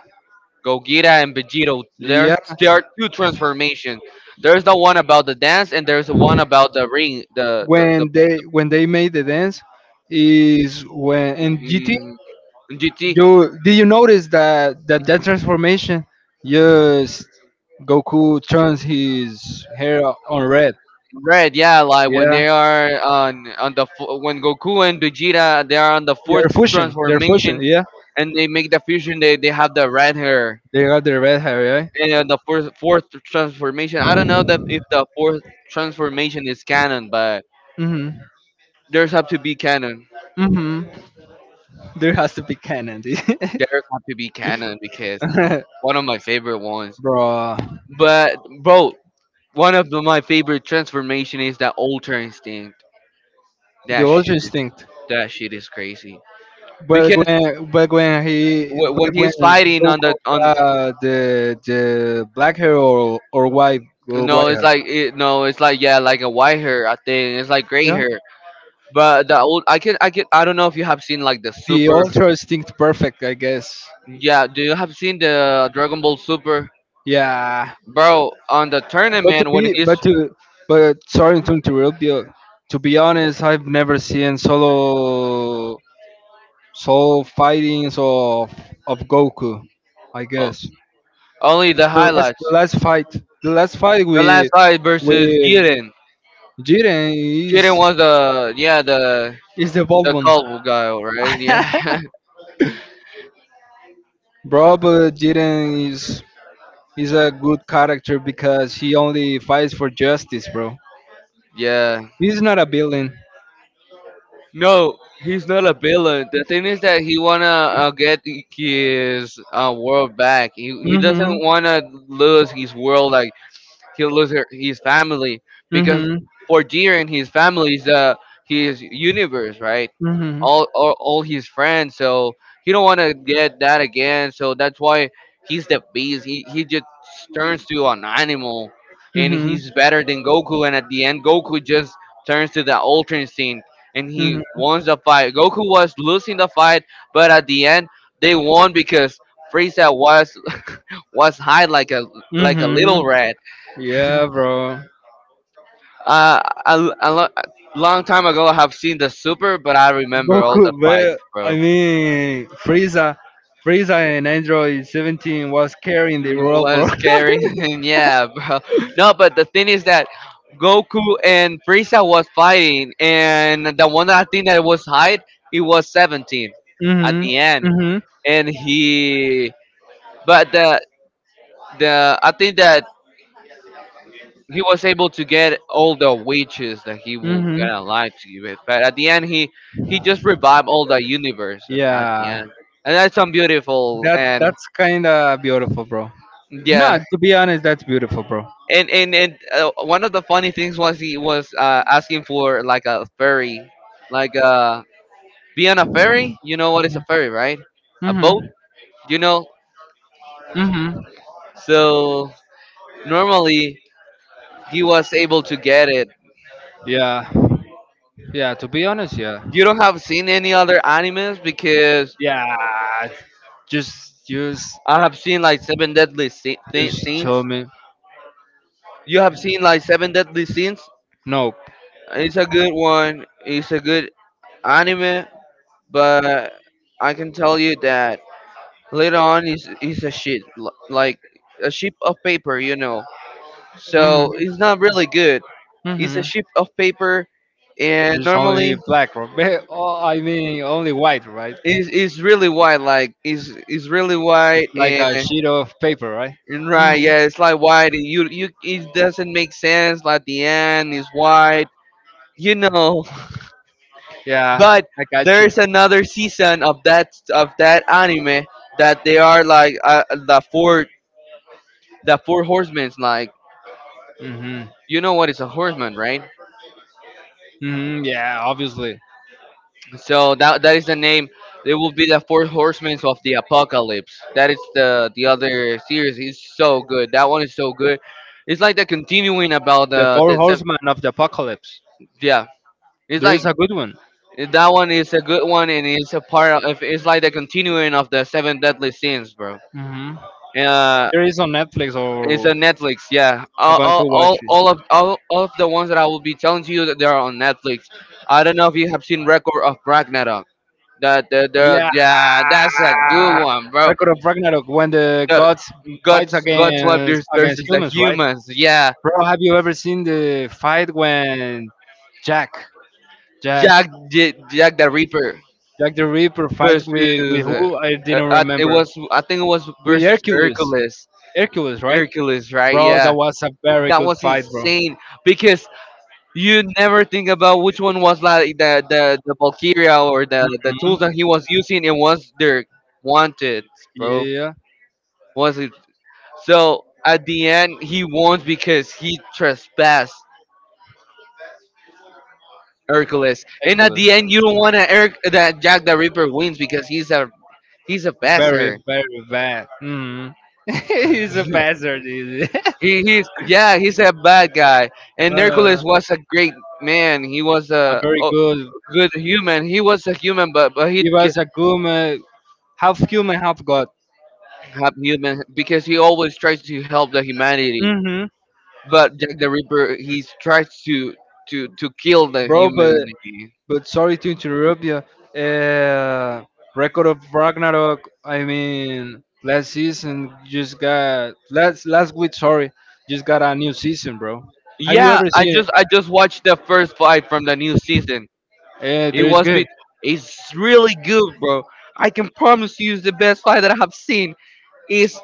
S1: Gogeta and Vegito. There's
S2: Yeah,
S1: there are two transformations. There's the one about the dance, and there's the one about the ring. The the,
S2: when they made the dance is when in GT.
S1: the GT.
S2: You did you notice that that transformation? Yes, Goku turns his hair on red.
S1: Red, yeah, like when
S2: Yeah,
S1: they are on the when Goku and Vegeta, they are on the fourth
S2: they're fusion. They're fusion.
S1: transformation
S2: Yeah,
S1: and they make the fusion, they have the red hair
S2: they got their red hair. Yeah.
S1: and the fourth transformation. I don't know that if the fourth transformation is canon, but
S2: Mhm.
S1: there's have to be canon.
S2: Mhm. There has to be canon, dude.
S1: There's have to be canon because one of my favorite ones.
S2: Bro.
S1: But bro, one of my favorite transformation is that Ultra Instinct.
S2: The
S1: That
S2: Ultra
S1: shit,
S2: Instinct.
S1: that shit is crazy
S2: But
S1: because
S2: when but when he
S1: when
S2: but when
S1: he's fighting on
S2: Goku
S1: the on.
S2: got the black hair or or
S1: No,
S2: white
S1: it's
S2: hair.
S1: like no, it's like, yeah, like a white hair. I think it's like gray
S2: Yeah.
S1: hair. But the old, I don't know if you have seen like the
S2: The
S1: super.
S2: Ultra Instinct perfect, I guess.
S1: Yeah, do you have seen the Dragon Ball Super,
S2: Yeah,
S1: bro? On the
S2: But to
S1: tournament when
S2: be,
S1: he's
S2: but to, but sorry to interrupt you. To be honest, I've never seen solo fightings of Goku. I
S1: o-
S2: guess
S1: only the
S2: the last
S1: highlights.
S2: the last fight, the last fight
S1: The last
S2: with
S1: fight versus
S2: with
S1: Jiren.
S2: Jiren
S1: Jiren
S2: is
S1: was the yeah the
S2: is the bold
S1: the
S2: one,
S1: colorful guy, right? Yeah.
S2: bro. But Jiren is a good character because he only fights for justice, bro.
S1: Yeah.
S2: He's not a villain.
S1: No, he's not a villain. The thing is that he wanna get his world back. He doesn't
S2: Mhm.
S1: wanna lose his world, like he'll lose her, his family, because
S2: Mhm.
S1: for Jiren, his family is the his universe, right? All his friends. So he don't want to get that again. So that's why he's the beast. He just
S2: Mhm.
S1: turns to an animal, and
S2: Mhm.
S1: he's better than Goku. And at the end, Goku just turns to the Ultra Instinct, and he
S2: Mhm.
S1: wins the fight. Goku was losing the fight, but at the end, they won because Frieza was was high like a
S2: Mhm.
S1: little rat.
S2: Yeah, bro.
S1: A long time ago, I have seen the Super, but I remember all the
S2: Goku,
S1: fights,
S2: but I
S1: bro.
S2: mean Frieza, and Android 17 was carrying the world, bro.
S1: Was scary, and yeah, bro. No, but the thing is that Goku and Frieza was fighting, and the one that I think that was Hyde, he was 17 at
S2: Mhm.
S1: the end,
S2: Mhm.
S1: and he. But the I think that he was able to get all the witches that he will
S2: Mhm.
S1: gonna lie to you with. But at the end, he just revived all the universe at the
S2: Yeah.
S1: end, and that's some beautiful
S2: That's
S1: and
S2: that's kind of beautiful, bro. No,
S1: yeah.
S2: to be honest, that's beautiful, bro.
S1: And one of the funny things was he was asking for like a ferry, like be on a ferry. You know what is a ferry, right? A boat.
S2: Mhm.
S1: You know.
S2: Mhm.
S1: So normally, he was able to get it.
S2: Yeah. Yeah, to be honest, yeah.
S1: You don't have seen any other animes because
S2: Yeah. Just use
S1: I have seen like Seven Deadly
S2: Just told
S1: Sins.
S2: me,
S1: You have seen like Seven Deadly Sins.
S2: nope.
S1: It's a good one. It's a good anime, but I can tell you that later on is a shit, like a sheet of paper, you know.
S2: Hmm.
S1: So it's not really good. It's a
S2: Hmm.
S1: sheet of paper, and
S2: There's only
S1: normally
S2: black, right? Oh, I mean, only white, right?
S1: it's really white. Like it's really white
S2: Like
S1: and.
S2: a sheet of paper, right? Mhm.
S1: Right, yeah, it's like white, and you it doesn't make sense. Like the end is white, you know.
S2: Yeah,
S1: But
S2: I got you.
S1: there's another season of that anime that they are like the four, the four horsemen. Like,
S2: hmm
S1: you know what is a horseman, right?
S2: Yeah, obviously.
S1: So that is the name. They will be the four horsemen of the apocalypse. That is the other series. It's so good. That one is so good. It's like the continuing about
S2: The Four Horsemen of the Apocalypse.
S1: yeah. It's
S2: There
S1: like
S2: is a good one.
S1: that one is a good one, and it's a part of. It's like the continuing of the seven deadly sins, bro.
S2: hmm
S1: Uh,
S2: There is on Netflix,
S1: It's
S2: or
S1: on Netflix. Yeah,
S2: I'm
S1: all,
S2: going
S1: all,
S2: to
S1: all,
S2: watch.
S1: all of all, all of the ones that I will be telling to you that they are on Netflix. I don't know if you have seen Record of Ragnarok.
S2: Yeah,
S1: That's a good one, bro.
S2: Record of Ragnarok when the
S1: The
S2: gods fights
S1: God's wife
S2: against
S1: versus the
S2: humans, right?
S1: humans. Yeah,
S2: Bro, have you ever seen the fight when Jack, Jack,
S1: Jack the Reaper
S2: Jack the Ripper fights
S1: versus.
S2: with who? I didn't
S1: It
S2: remember.
S1: was I think it was
S2: With
S1: versus
S2: Hercules,
S1: Hercules.
S2: Hercules, right?
S1: Hercules, right?
S2: Bro, that
S1: Yeah,
S2: was a very
S1: that
S2: good
S1: was
S2: fight, bro. Mhm.
S1: insane because you never think about which one was like the Valkyria or the tools that he was using and was their wanted, bro.
S2: Yeah.
S1: Was it, so at the end, he won because he trespassed Hercules. And at
S2: Ridiculous.
S1: the end, you don't wanna Eric that Jack the Ripper wins because he's a
S2: Very,
S1: bastard.
S2: very bad. Mm. He's a bastard. He's
S1: He, he's Yeah, he's a bad guy. And Hercules
S2: a
S1: was a great man. He was a,
S2: very
S1: a
S2: good.
S1: good human. He was a human, but he
S2: He was a good, half human, half god.
S1: help human because he always tries to help the humanity.
S2: hmm
S1: But Jack the Ripper, he tries to kill the
S2: Bro, but
S1: humanity.
S2: sorry to interrupt you. Uh, Record of Ragnarok, I mean, last season just got last week. Sorry, just got a new season, bro. Have you
S1: Yeah,
S2: ever
S1: I
S2: seen it?
S1: just I just watched the first fight from the new season. It
S2: There is
S1: was be
S2: good.
S1: It's really good, bro. I can promise you it's the best fight that I have seen. Is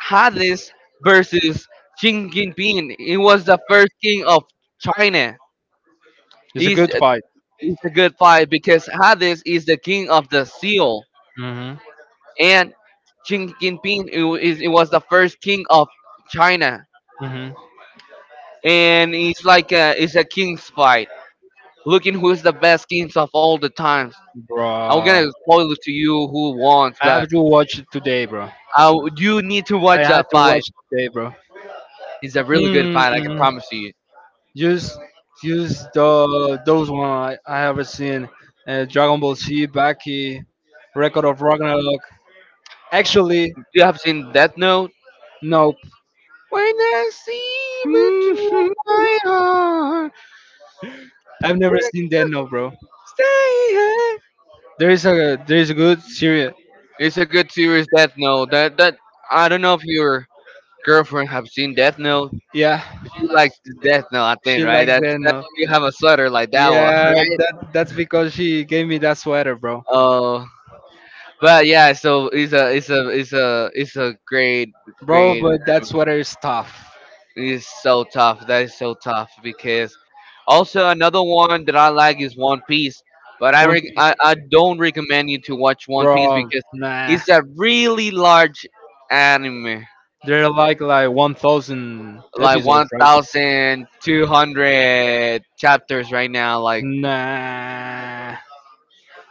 S1: Hades versus Jinping. It was the first king of China.
S2: It's a
S1: It's,
S2: good fight.
S1: it's a good fight because Hades is the king of the seal.
S2: Mhm.
S1: And Xi Jinping, it was the first king of China,
S2: Mhm.
S1: and it's a king's fight. Looking who's the best kings of all the times.
S2: Bro,
S1: I'm gonna
S2: I
S1: spoil it to you who wants, but
S2: have to watch it today, bro.
S1: I, you need to
S2: I
S1: watch
S2: had
S1: that
S2: to
S1: fight.
S2: watch it today, bro.
S1: It's a really good fight, I can
S2: Hmm.
S1: promise you.
S2: Just, just the those one I haven't seen. Dragon Ball Z, Baki, Record of Ragnarok. Actually,
S1: You have seen Death Note.
S2: nope.
S1: When I see into my heart, when
S2: I've never
S1: I
S2: seen that, no, bro.
S1: stay here.
S2: There is a good series.
S1: It's a good series, Death Note. That I don't know if your girlfriend have seen Death Note.
S2: Yeah.
S1: If you like the death note, I think,
S2: She
S1: right?
S2: likes
S1: That's that
S2: Zeno.
S1: you have a sweater like that one,
S2: Yeah,
S1: right?
S2: that's because she gave me that sweater, bro.
S1: Oh, but yeah. So it's a great
S2: Bro,
S1: great.
S2: but that sweater is tough.
S1: It's so tough. That is so tough because also another one that I like is One Piece, but
S2: One,
S1: I don't recommend you to watch One Piece
S2: bro,
S1: because
S2: nah.
S1: it's a really large anime,
S2: They're like 1,000
S1: like
S2: episodes,
S1: one
S2: right?
S1: thousand two hundred chapters right now, like
S2: Nah,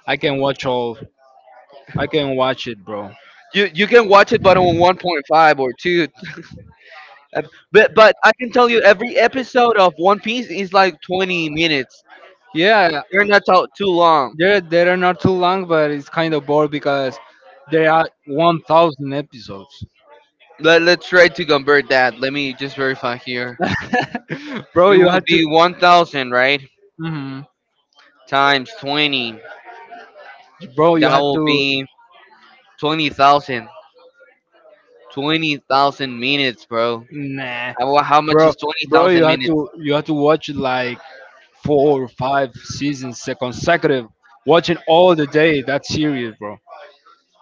S2: I can watch all. I can watch it, bro.
S1: you can watch it, but on 1.5 or two. Ep- but I can tell you, every episode of One Piece is like 20 minutes.
S2: Yeah,
S1: They're not too long.
S2: they're not too long, but it's kind of bored because there are 1,000 episodes.
S1: Let's try to convert that. Let me just verify here.
S2: Bro,
S1: It
S2: you
S1: will
S2: had to.
S1: be 1,000, right?
S2: Mhm.
S1: Times 20.
S2: Bro, you
S1: That
S2: had
S1: will
S2: to,
S1: be 20,000. 20,000 minutes, bro.
S2: nah,
S1: How much
S2: bro,
S1: is
S2: bro,
S1: 20,000 minutes?
S2: you had to watch like four or five seasons consecutive, watching all the day that series, bro.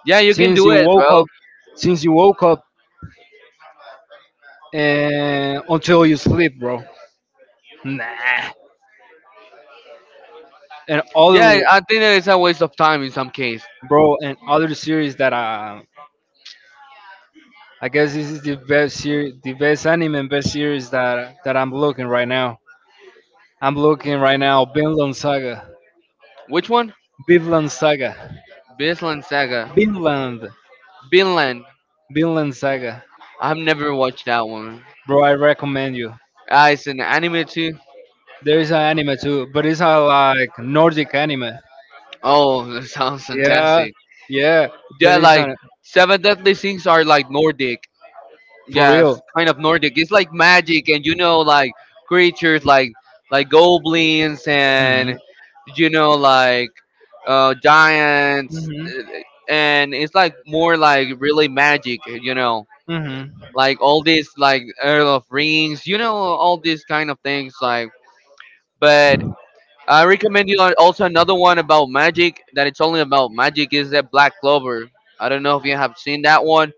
S1: Yeah, you can
S2: Since
S1: do
S2: you
S1: it,
S2: woke
S1: bro.
S2: up, since you woke up, and until you sleep, bro. Nah, and other.
S1: Yeah, I think that it's a waste of time in some case.
S2: Bro. And other series that I guess this is the best series, the best anime and best series that I'm looking right now. I'm looking right now Vinland Saga,
S1: Which one?
S2: Vinland Saga,
S1: Vinland Saga.
S2: Vinland,
S1: Vinland.
S2: Vinland Saga.
S1: I've never watched that one.
S2: Bro, I recommend you.
S1: Ah, it's an anime too.
S2: There is an anime too, but it's a like Nordic anime.
S1: Oh, that sounds
S2: Yeah,
S1: fantastic.
S2: yeah. There
S1: Yeah,
S2: is
S1: like
S2: a
S1: Seven Deadly Sins are like Nordic.
S2: for
S1: Yes,
S2: real.
S1: kind of Nordic. It's like magic, and you know, like creatures like goblins
S2: hmm
S1: and you know, like giants,
S2: hmm
S1: and it's like more like really magic. You know,
S2: hmm
S1: like all these like Earl of Rings. You know, all these kind of things. Like, but I recommend you also another one about magic that it's only about magic is that Black Clover. I don't know if you have seen that one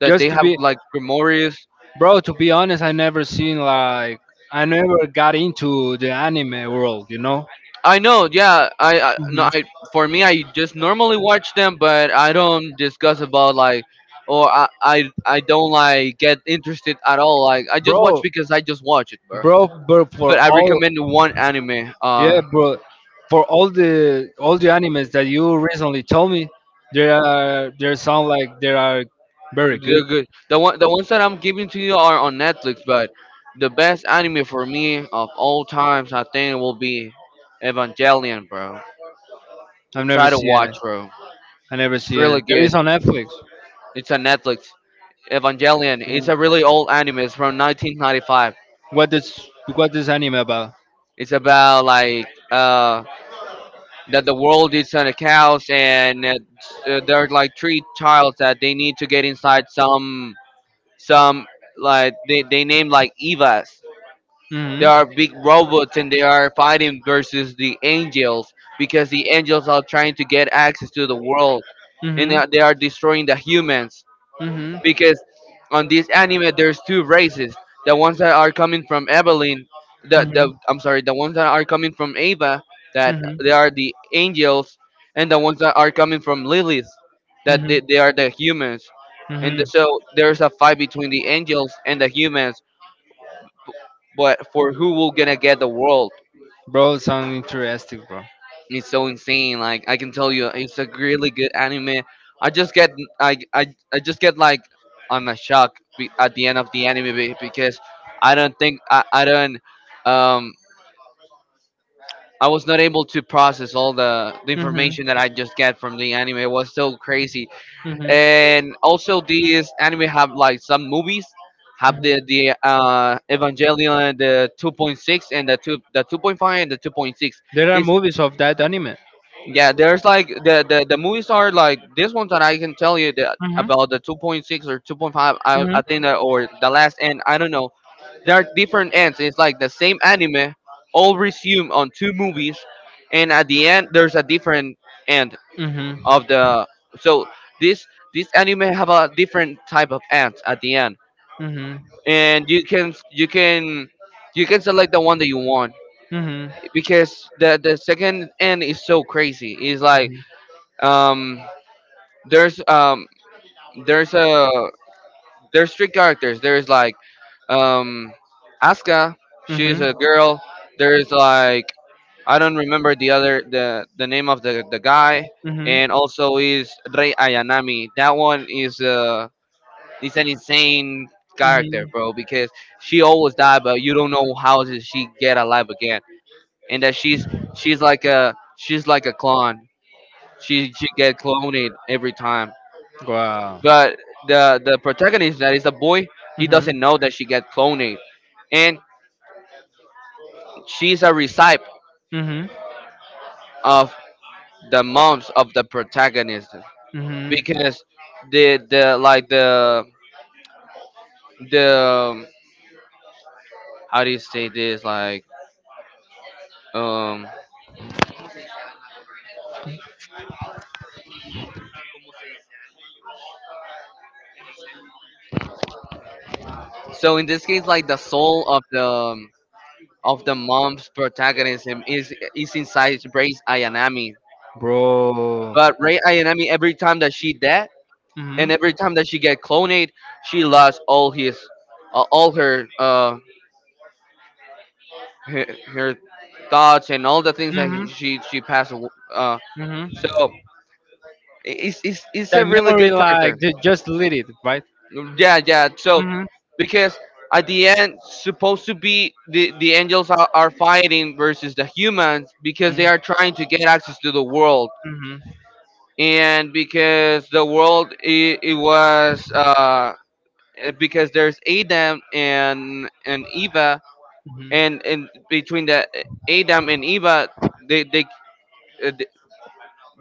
S1: that
S2: Just
S1: they
S2: to
S1: have
S2: be.
S1: like Grimorius.
S2: Bro, to be honest, I never seen like I never got into the anime world, you know?
S1: I know, yeah. I no,
S2: hmm
S1: I for me, I just normally watch them, but I don't discuss about like, or I don't like get interested at all. Like, I just watch
S2: Bro,
S1: because I just watch it, bro.
S2: for
S1: But I
S2: all
S1: recommend one anime.
S2: yeah, bro, for all the animes that you recently told me, there are there sound like they are very good.
S1: They're good. The ones that I'm giving to you are on Netflix, but the best anime for me of all times, I think, will be Evangelion, bro.
S2: I've never
S1: Try to
S2: seen it.
S1: watch, bro.
S2: I never
S1: It's
S2: seen
S1: really
S2: it. There is
S1: good.
S2: on Netflix.
S1: It's on Netflix. Evangelion. It's a really old anime. It's from 1995.
S2: What this what this anime about?
S1: It's about like that the world is on a chaos and there are like 3 childs that they need to get inside some like they name like Evas. There
S2: Mhm.
S1: are big robots and they are fighting versus the angels because the angels are trying to get access to the world and
S2: Mhm.
S1: they are destroying the humans
S2: Mhm.
S1: because on this anime there's two races, the ones that are coming from Evelyn, the
S2: Mhm.
S1: I'm sorry, the ones that are coming from Ava, that
S2: Mhm.
S1: they are the angels, and the ones that are coming from Lilith, that
S2: Mhm.
S1: they are the humans, and
S2: Mhm.
S1: so there's a fight between the angels and the humans, but for who will gonna get the world.
S2: Bro, sound interesting, bro.
S1: It's so insane. Like I can tell you, it's a really good anime. I just get I I, I just get like I'm a shock at the end of the anime because I don't, um I was not able to process all the
S2: Mhm.
S1: information that I just get from the anime. It was so crazy.
S2: Mhm. Mhm.
S1: And also these anime have like some movies, have the Evangelion the 2.6 and the 2 the 2.5 and the 2.6.
S2: There are movies of that anime.
S1: Yeah, there's like the movies are like this ones that I can tell you that
S2: Mhm.
S1: about the 2.6 or 2.5.
S2: Mhm.
S1: I think that or the last end. I don't know. There are different ends. It's like the same anime, all resume on 2 movies, and at the end there's a different end
S2: Mhm.
S1: of the. So this this anime have a different type of end at the end,
S2: Mhm. Mhm.
S1: and you can you can select the one that you want
S2: Mhm.
S1: because the second end is so crazy. It's like um there's um there's a there's 3 characters. There's like um Asuka, she's
S2: Mhm.
S1: a girl. There's like I don't remember the name of the guy, and also is Rei Ayanami. That one is an insane
S2: Mhm.
S1: character, bro,
S2: Mhm.
S1: because she always died but you don't know how did she get alive again. And that she's like a clone. She get cloned every time.
S2: Wow.
S1: But the protagonist that is a boy, he
S2: Mhm.
S1: doesn't know that she got cloned, and she's a recipe
S2: Mhm.
S1: of the moms of the protagonist
S2: Mhm.
S1: because the like the um, how do you say this like um so in this case like the soul of the mom's protagonism is inside Rei Ayanami.
S2: Bro.
S1: But Rei Ayanami every time that she dead,
S2: hmm
S1: and every time that she get cloned, she lost all his, all her, her thoughts and all the things that she passed.
S2: hmm
S1: So
S2: hmm
S1: it's a
S2: That
S1: really
S2: memory,
S1: good character.
S2: like, just delete it, right?
S1: Yeah, yeah. So
S2: hmm
S1: because at the end, supposed to be the angels are fighting versus the humans because
S2: hmm
S1: they are trying to
S2: hmm
S1: get access to the world, and because the world it was. Because there's Adam and Eva,
S2: hmm
S1: and between the Adam and Eva, they they uh, they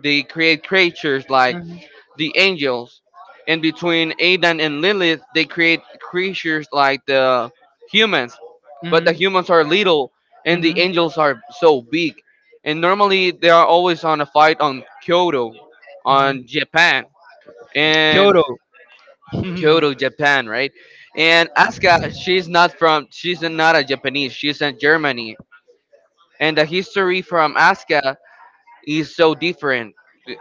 S1: they create creatures like the angels, and between Adam and Lilith, they create creatures like the humans, but the humans are little and
S2: Mhm.
S1: the
S2: Mhm.
S1: angels are so big, and normally they are always on a fight on
S2: Mhm.
S1: Kyoto, on Japan, and.
S2: Kyoto.
S1: Kyoto,
S2: Mhm.
S1: Japan, right? And Asuka, she's not a Japanese, she's in Germany. And the history from Asuka is so different.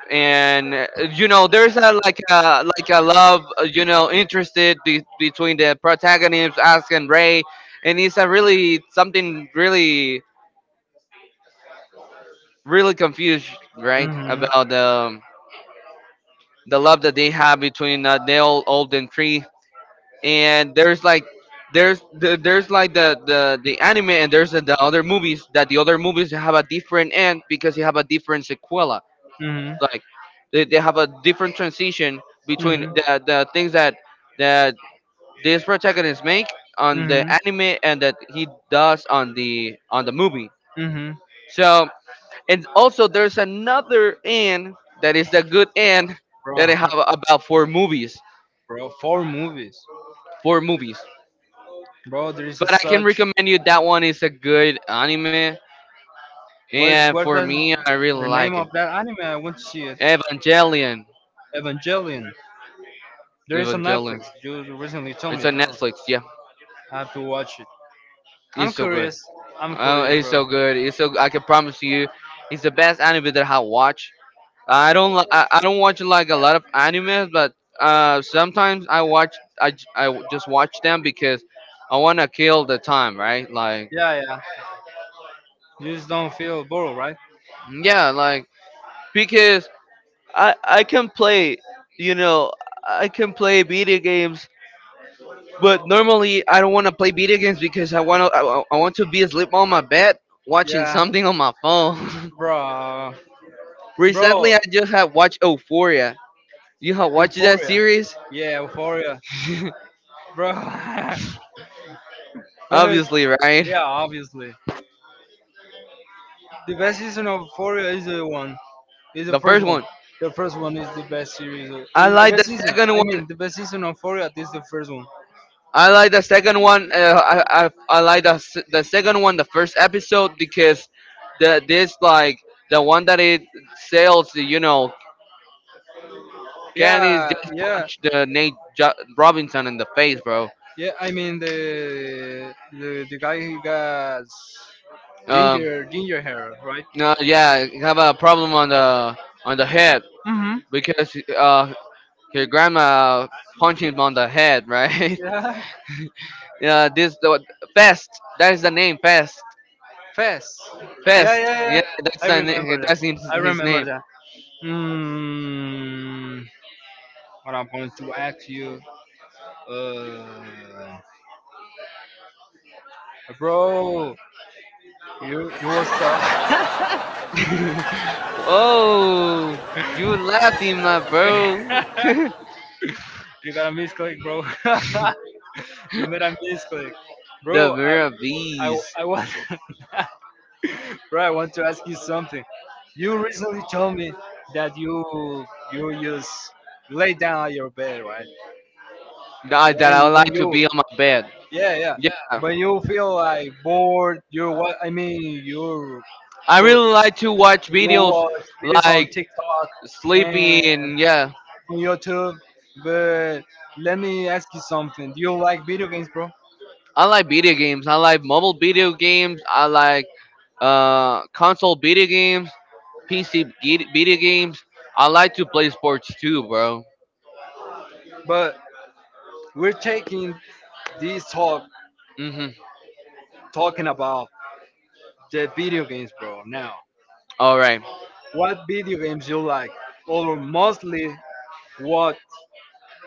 S1: And you know, there's a like a like a love, you know, interested between the protagonists, Asuka and Ray, and it's a really something really really confused, right,
S2: Mhm.
S1: about
S2: Mhm.
S1: the love that they have between the old old and free, and there's like there's there's like the anime, and there's the other movies that the other movies have a different end because they have a different sequela, like they have a different transition between the things that that this protagonist make
S2: Mhm.
S1: on the
S2: Mhm.
S1: anime and that he does on the movie,
S2: Mhm.
S1: so and also there's another end that is the good end
S2: Bro.
S1: that they have about 4 movies,
S2: Bro, four movies.
S1: 4 movies.
S2: Bro, there is a
S1: But I can
S2: such.
S1: recommend you that one is a good anime, and
S2: What
S1: for
S2: does
S1: me, I really
S2: the name
S1: like it.
S2: of that anime? I want to see it.
S1: Evangelion.
S2: Evangelion. There is on
S1: Evangelion.
S2: Netflix. You recently told
S1: It's
S2: me
S1: on
S2: though.
S1: Netflix. Yeah,
S2: I have to watch it. I'm
S1: it's so good.
S2: curious. I'm
S1: Oh,
S2: curious,
S1: it's
S2: bro.
S1: so good. It's so I can promise you, it's the best anime that I watch. I don't watch like a lot of animes, but sometimes I watch I, j- I w- just watch them because I wanna kill the time, right? Like
S2: Yeah, yeah. You just don't feel bored, right?
S1: yeah, like because I can play, you know, I can play video games, but normally I don't want to play video games because I want to be asleep on my bed watching
S2: Yeah,
S1: something on my phone.
S2: bro, bro.
S1: Recently, I just have watched Euphoria. You have watched that
S2: Euphoria.
S1: series?
S2: Yeah, Euphoria, bro. But
S1: Obviously, right?
S2: yeah, obviously. The best season of Euphoria is the one. It's the
S1: The
S2: first
S1: first
S2: one.
S1: one.
S2: The first one is the best
S1: I
S2: It's the
S1: like the
S2: best season.
S1: second
S2: I
S1: one.
S2: mean, the best season of Foria is the first one.
S1: I like the second one. I like the second one, the first episode because the this like the one that it sells, you know, Kennedy's
S2: Yeah,
S1: just
S2: yeah,
S1: punched Nate Robinson in the face, bro.
S2: yeah. I mean, the guy who got
S1: Um,
S2: ginger hair, right?
S1: no, yeah, you have a problem on the head
S2: Mm-hmm.
S1: because your grandma punched him on the head, right?
S2: Yeah.
S1: yeah, this the Fest. That is the name, Fest.
S2: Fast. Yeah,
S1: Fest.
S2: yeah,
S1: Yeah,
S2: yeah. I remember that.
S1: that's
S2: I
S1: his
S2: remember
S1: name.
S2: that. Hmm. What I'm going to ask you, uh, bro, you was talk.
S1: oh, you laughing, my bro. the
S2: You got a misclick, bro. You made a misclick, bro.
S1: Vera Bees.
S2: I want, bro, I want to ask you something. You recently told me that you just lay down on your bed, right?
S1: That that I would
S2: When
S1: like to
S2: you
S1: be on my bed.
S2: yeah yeah
S1: Yeah,
S2: when you feel like bored, you what I mean you're
S1: I
S2: for
S1: really like to watch
S2: you
S1: videos
S2: watch videos on
S1: like
S2: TikTok and
S1: Sleepy and yeah.
S2: on YouTube. But let me ask you something. Do you like video games, bro?
S1: I like video games. I like mobile video games. I like console video games, PC video games. I like to play sports too, bro.
S2: But we're taking this talk
S1: Mhm.
S2: talking about the video games, bro. Now,
S1: All right,
S2: what video games you like, or mostly what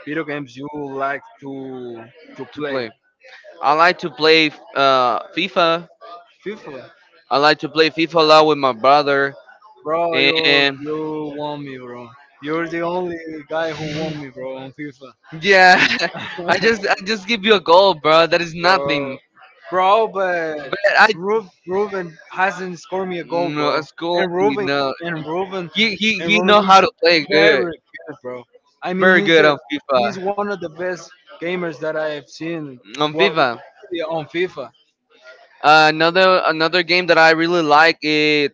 S2: video games you like to
S1: to
S2: play?
S1: play. I like to play FIFA.
S2: FIFA,
S1: I like to play FIFA a lot with my brother.
S2: bro. You
S1: And
S2: you won me, bro. You're the only guy who won me, bro, on FIFA.
S1: yeah, I just give you a goal, bro. That is
S2: Bro.
S1: nothing.
S2: Bro, but
S1: But I
S2: Ruben hasn't scored me a goal,
S1: No,
S2: bro.
S1: it's cool.
S2: And Ruben,
S1: No,
S2: and Ruben,
S1: He he he know how
S2: He's
S1: to play
S2: very
S1: good,
S2: good, bro. I mean,
S1: very good on
S2: he's
S1: FIFA.
S2: one of the best gamers that I have seen
S1: On
S2: what,
S1: FIFA,
S2: on FIFA.
S1: another game that I really like is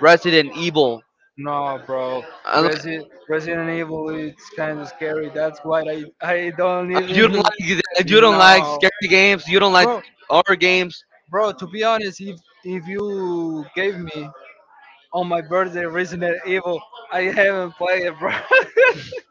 S1: Resident Evil.
S2: No, bro.
S1: I, li-
S2: Resident Evil it's kind of scary. That's why I don't
S1: uh, you don't
S2: even.
S1: like you don't like
S2: No,
S1: scary games. You don't like
S2: bro,
S1: horror games.
S2: bro. To be honest, if you gave me on my birthday, Resident Evil. I haven't played it, bro. The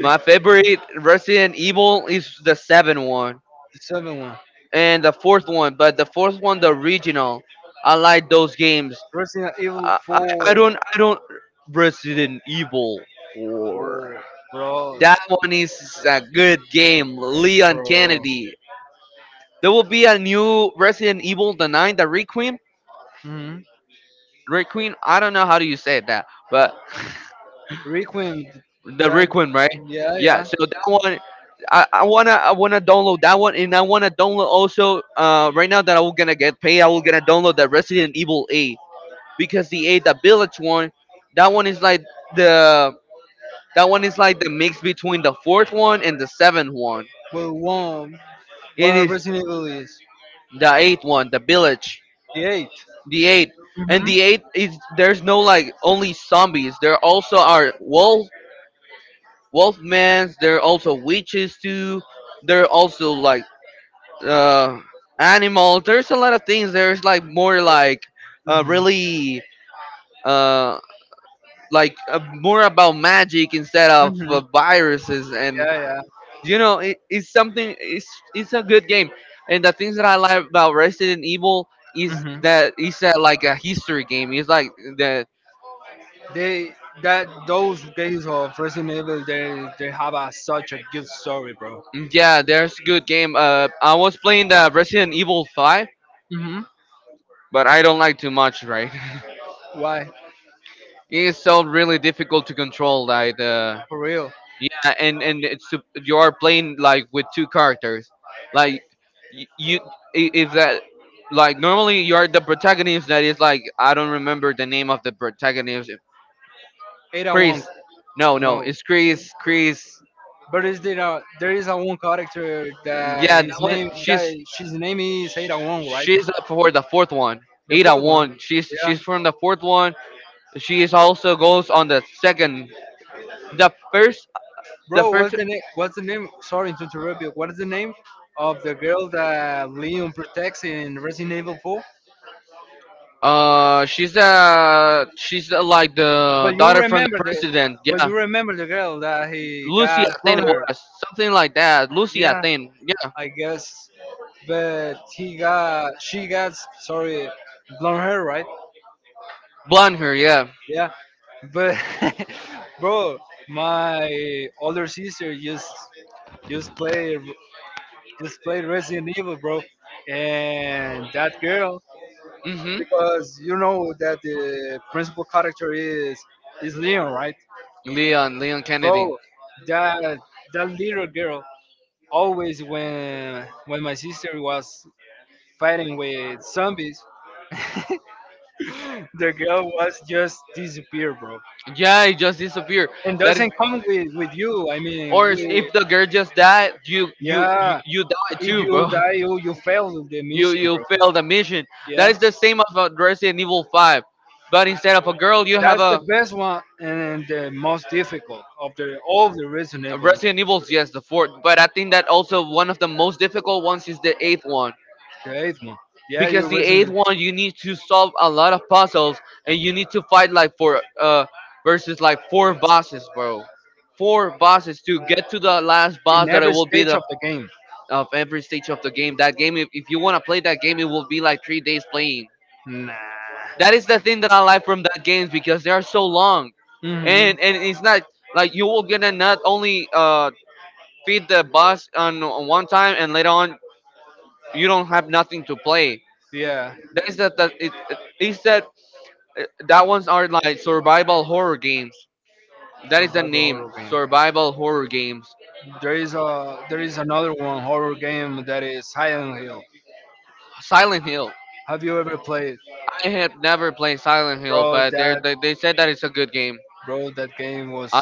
S1: My favorite Resident Evil is the seven one
S2: 7 one.
S1: and the fourth one, but the fourth one the original. I like those games.
S2: Resident Evil
S1: I I,
S2: 4.
S1: I don't Resident Evil four.
S2: 4. Bro.
S1: That one is a good game. Leon
S2: Bro.
S1: Kennedy. There will be a new Resident Evil, the 9, the Requiem.
S2: hmm
S1: Requiem, I don't know how do you say that, but
S2: Requiem.
S1: the
S2: That,
S1: Requiem, right?
S2: yeah,
S1: Yeah,
S2: yeah.
S1: so that one I wanna download that one, and I wanna download also right now that I will gonna get paid, I will gonna download the Resident Evil 8, because the 8, the village one, that one is like the the mix between the fourth one and the seventh one.
S2: But one.
S1: It
S2: What
S1: is
S2: Resident Evil is?
S1: the eighth one, the village,
S2: The 8.
S1: the eighth, and the eighth
S2: hmm
S1: is there's no like only zombies. There also are wolfmans. There are also witches too. There are also like uh animals. There's a lot of things. There's like more like really uh like more about magic instead of
S2: hmm
S1: viruses, and
S2: Yeah, yeah.
S1: you know, it's something. It's a good game, and the things that I like about Resident Evil is
S2: hmm
S1: that it's a, like a history game. It's like that.
S2: They that those games of Resident Evil, they have a, such a good story, bro.
S1: Yeah, there's good game. I was playing the Resident Evil Five,
S2: hmm
S1: but I don't like too much, right?
S2: Why?
S1: It's so really difficult to control. Like,
S2: For real?
S1: yeah, and you are playing like with two characters, like y- you I- if that like normally you are the protagonist, that is like I don't remember the name of the protagonist.
S2: Ada one.
S1: Chris. No, no,
S2: No.
S1: it's Chris. Chris.
S2: But is there a, there is a one character that
S1: Yeah,
S2: his
S1: what
S2: name that
S1: she's
S2: she's name is Ada Wong, right?
S1: she's up for the fourth one.
S2: The
S1: Ada
S2: fourth one.
S1: one. She's
S2: Yeah.
S1: she's from the fourth one. She is also goes on the second. The first the
S2: Bro,
S1: first
S2: what's the name sorry to interrupt you. What is the name of the girl that Leon protects in Resident Evil 4?
S1: she's like
S2: But
S1: the
S2: you
S1: daughter from
S2: remember
S1: the
S2: the
S1: president.
S2: but
S1: Yeah.
S2: you remember the girl that he
S1: Lucy,
S2: got
S1: I think
S2: from
S1: it
S2: her.
S1: was something like that. Lucy, I
S2: Yeah,
S1: think. Yeah.
S2: I guess. But he got she got sorry blonde hair, right?
S1: Blonde hair, yeah.
S2: Yeah, but bro, my older sister just play just play Resident Evil, bro, and that girl
S1: Mhm.
S2: because you know that the principal character is Leon, right,
S1: Leon Kennedy.
S2: bro? That that little girl always when my sister was fighting with zombies, the girl was just disappear, bro,
S1: Yeah, it just disappeared.
S2: and
S1: That is,
S2: doesn't come with you. I mean,
S1: or
S2: we.
S1: if the girl just died,
S2: Yeah,
S1: you died
S2: if
S1: too,
S2: you
S1: bro.
S2: die, you fail the
S1: You
S2: mission,
S1: you
S2: bro.
S1: fail the mission. That
S2: Yeah,
S1: is the same of Resident Evil 5, but instead of a girl, you have
S2: that's the
S1: a
S2: best one and the most difficult of the all of the
S1: a
S2: Resident Evil.
S1: Resident Evils. Yes, the fourth. But I think that also one of the most difficult ones is the eighth one,
S2: The eighth one. Yeah, you
S1: because the eighth
S2: Resident.
S1: one you need to solve a lot of puzzles, and you need to fight like for versus like four
S2: Evil.
S1: bosses, bro. Four bosses to get to the last
S2: In
S1: boss, that it
S2: every
S1: will be
S2: stage
S1: the
S2: of the game.
S1: of every stage of the game. That game, if you want to play that game, it will be like 3 days playing.
S2: Nah.
S1: That is the thing that I like from that games, because they are so long,
S2: And
S1: and it's not like you will gonna not only feed the boss on, one time and later on you don't have nothing to play.
S2: yeah,
S1: That is that that it is that That ones are like survival horror games. That is the
S2: survival
S1: name,
S2: horror game.
S1: survival horror games.
S2: There is another one horror game that is Silent Hill.
S1: Silent Hill.
S2: Have you ever played,
S1: I have never played Silent Hill,
S2: bro?
S1: but they
S2: That
S1: they they said that it's a good game.
S2: bro, that game was
S1: Uh,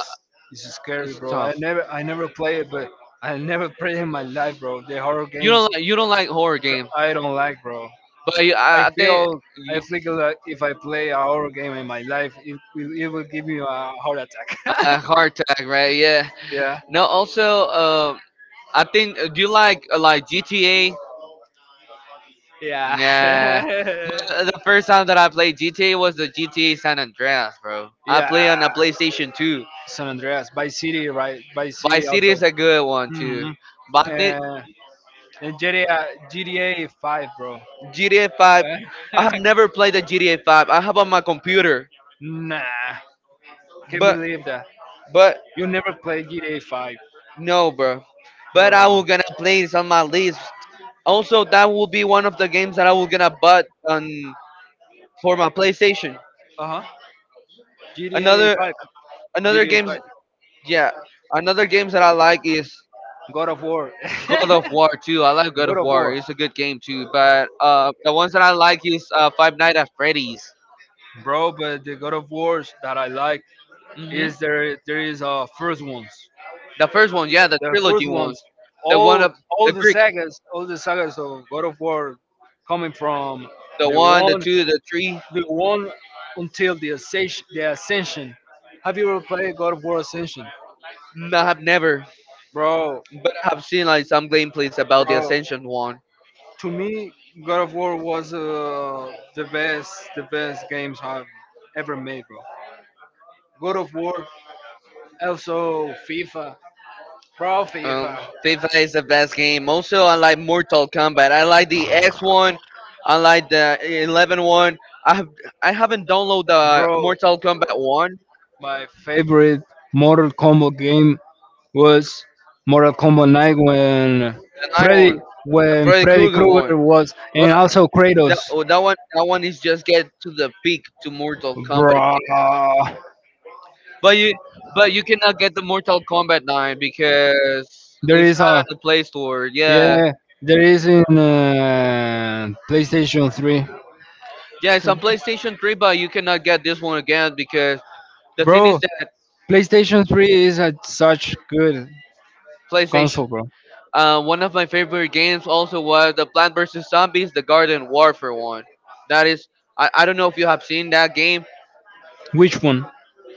S2: is scary,
S1: it's
S2: bro.
S1: tough.
S2: I never played it, but I never played in my life, bro. The horror games
S1: You don't like horror games,
S2: I don't like, bro.
S1: but
S2: I
S1: I think.
S2: feel I think that if I play a horror game in my life, it will give me a heart attack.
S1: Hard tag, right? Yeah.
S2: Yeah,
S1: No, also, I think, do you like, like GTA?
S2: yeah,
S1: Yeah. The first time that I played GTA was the GTA San Andreas, bro. I
S2: yeah.
S1: play on a PlayStation 2.
S2: San Andreas, Vice City, right? Vice City
S1: Vice City
S2: also.
S1: is a good one too.
S2: hmm
S1: But I think
S2: Uh, and GTA 5, bro. Eh?
S1: GTA 5, I have never played the GTA 5. I have on my computer,
S2: Nah, can't
S1: but
S2: believe that.
S1: but
S2: You never played GTA 5,
S1: no, bro. But I will
S2: bro.
S1: gonna play it on my list. Also, that will be one of the games that I will gonna butt on for my PlayStation.
S2: Uh huh. GTA
S1: Another
S2: 5.
S1: another
S2: GTA
S1: games
S2: 5,
S1: yeah. Another games that I like is
S2: God of War.
S1: God of War too. I like God
S2: God
S1: of
S2: of
S1: War.
S2: War,
S1: It's a good game too. But the ones that I like is Five Nights at Freddy's.
S2: bro. But the God of Wars that I like
S1: Hmm.
S2: is there. There is first ones.
S1: The first one, yeah, the
S2: The
S1: trilogy
S2: first
S1: ones.
S2: ones,
S1: The one of the Greek,
S2: all the sagas of God of War, coming from
S1: the
S2: the
S1: one, the
S2: one,
S1: two, the three.
S2: the one until the ascension. The ascension. Have you ever played God of War Ascension,
S1: No, I have never,
S2: bro?
S1: but I've seen like some gameplays about the
S2: Bro,
S1: Ascension one.
S2: to me, God of War was the best games I've ever made, bro. God of War, also FIFA, bro,
S1: Um,
S2: FIFA,
S1: FIFA is the best game. Also, I like Mortal Kombat. I like the X one. I like the eleven one. I have I haven't downloaded the
S2: bro.
S1: Mortal Kombat one,
S2: My favorite Mortal Kombat game was Mortal Kombat 9 when
S1: the nine
S2: Freddy,
S1: one, the
S2: when
S1: Freddy
S2: Freddy
S1: Krueger one.
S2: Krueger was,
S1: But
S2: and also Kratos,
S1: oh, that one is just get to the peak to Mortal Kombat.
S2: bro.
S1: But you cannot get the Mortal Kombat nine, because
S2: There
S1: it's
S2: is
S1: not
S2: a.
S1: at the Play Store. Yeah,
S2: Yeah, there is in PlayStation 3.
S1: yeah, it's on PlayStation three, but you cannot get this one again, because the thing
S2: Bro,
S1: is that
S2: PlayStation 3 is a such good
S1: PlayStation.
S2: console, bro.
S1: One of my favorite games also was the Plant vs Zombies, the Garden Warfare one. That is, I don't know if you have seen that game,
S2: Which one?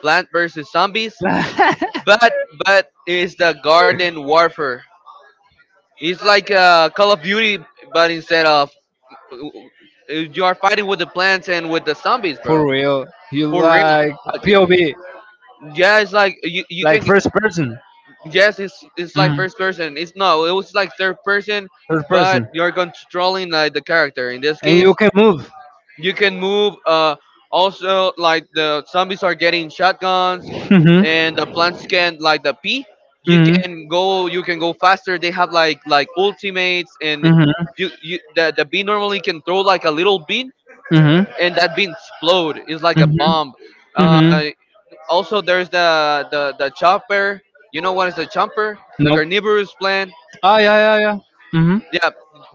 S1: Plant vs Zombies, but it is the Garden Warfare. It's like Call of Duty, but instead of uh, you are fighting with the plants and with the zombies,
S2: For
S1: bro.
S2: real. You
S1: For real.
S2: like POV,
S1: Yeah, it's like you
S2: like
S1: can.
S2: first person.
S1: Yes, it's like
S2: Mm,
S1: first person. It's No, it was like third person,
S2: first
S1: but
S2: person.
S1: you're controlling like the character. In this
S2: And you
S1: case,
S2: can move.
S1: you can move also like the zombies are getting shotguns,
S2: Mhm.
S1: and the plants can like the pea,
S2: Mhm.
S1: you can go faster, they have like ultimates, and
S2: Mhm.
S1: you the bee normally can throw like a little bean,
S2: Mhm.
S1: and that bean explode, it's like a
S2: Mhm.
S1: bomb. uh
S2: Mhm.
S1: Also there's the chopper. You know what is the chopper? The
S2: Nope.
S1: carnivorous plant.
S2: Ah, yeah, yeah, yeah. Mhm.
S1: Yeah,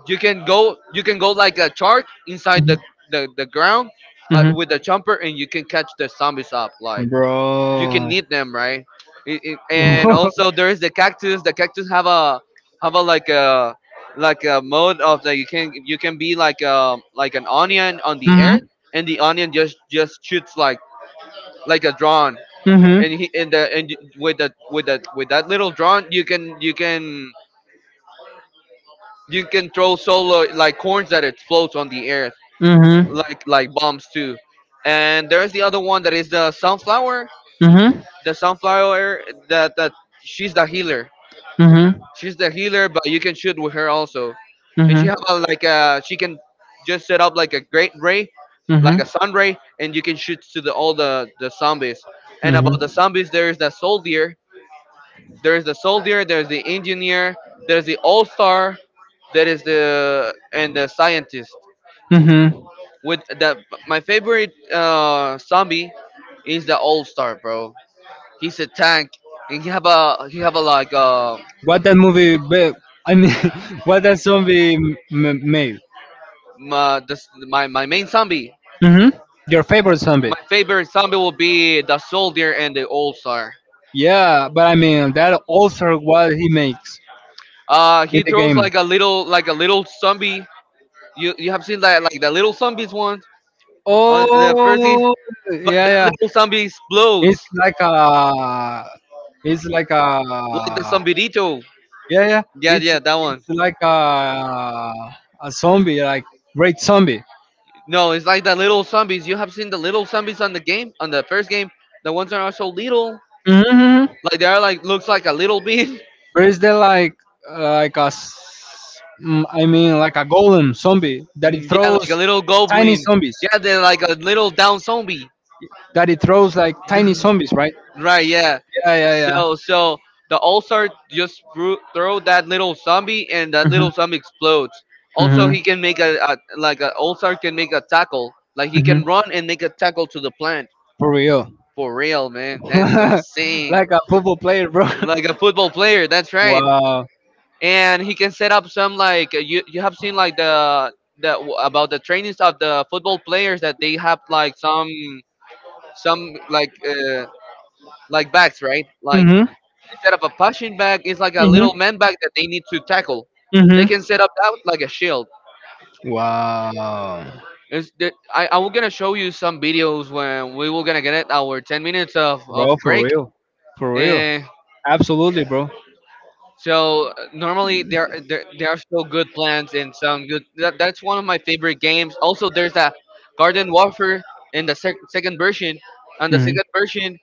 S1: you can go like a shark inside
S2: Mhm.
S1: the ground, like with the jumper, and you can catch the zombies up
S2: Mhm.
S1: like, you
S2: Bro.
S1: can eat them, right? And also, there is the cactus. The cactus have a like a mode of that you can be like an onion on the earth, and the onion just shoots like a drone,
S2: Mm-hmm.
S1: and he, and the, and with the with that little drone you can you can throw solo like corns that explodes on the earth,
S2: Mm-hmm.
S1: like bombs too. And there is the
S2: Mm-hmm.
S1: other one that is the sunflower.
S2: Mm-hmm.
S1: The sunflower that she's the healer.
S2: Mm-hmm. Mm-hmm.
S1: She's the healer, but you can shoot with her also. And she have a, like a she can just set up like a great ray, like a sun ray, and you can shoot to the all the zombies. And
S2: Mm-hmm.
S1: about the zombies, there is the soldier. There is the engineer. There is the All Star. There is the and the scientist.
S2: Mm-hmm.
S1: With the My favorite zombie is the All Star, bro. He's a tank, and
S2: Mm-hmm.
S1: he have a
S2: What that movie? Be, I mean, what that made?
S1: My main zombie,
S2: hmm Your favorite zombie?
S1: my favorite zombie will be the soldier and the All Star.
S2: Yeah, but I mean that also what he makes in
S1: He
S2: the
S1: throws
S2: game.
S1: like a little zombie. You have seen that, like the little zombies one on the first thing,
S2: Oh,
S1: but the
S2: yeah, yeah.
S1: little zombie
S2: It's
S1: explodes,
S2: like a. It's like
S1: like the
S2: a.
S1: zombidito.
S2: Yeah, yeah.
S1: Yeah,
S2: It's
S1: yeah, that one.
S2: It's like a zombie, like great zombie.
S1: No, it's like the little zombies. You have seen the little zombies on the game, on the first game. The ones that are so little,
S2: hmm
S1: like they are like, looks like a little bean.
S2: But is there like a I mean like a golem zombie that it
S1: Mm, yeah,
S2: throws
S1: like a little
S2: tiny
S1: goblin.
S2: zombies?
S1: Yeah, they're like a little down zombie.
S2: That it throws like tiny zombies, right?
S1: Right? Yeah.
S2: Yeah, yeah, yeah.
S1: So the All Star just throw that little zombie, and that
S2: Mhm.
S1: little zombie explodes. Also,
S2: Mhm.
S1: he can make a, All Star can make a tackle. Like he
S2: Mhm.
S1: can run and make a tackle to the plant.
S2: For real,
S1: For real, man. That's insane.
S2: like a football player, bro.
S1: Like a football player. That's right.
S2: Wow.
S1: And he can set up some like you have seen like about the trainings of the football players, that they have like some like backs, right, like,
S2: Mhm.
S1: instead of a punching bag, it's like a
S2: Mhm.
S1: little man bag that they need to tackle. They
S2: Mhm.
S1: can set up that like a shield.
S2: Wow.
S1: It's the, I'm gonna show you some videos when we were gonna get it our 10 minutes of
S2: Bro, for
S1: break.
S2: real. For real. Absolutely, bro.
S1: So normally there are still good plans and some good. That's one of my favorite games. Also, there's a Garden Warfare in the second version. On the second version,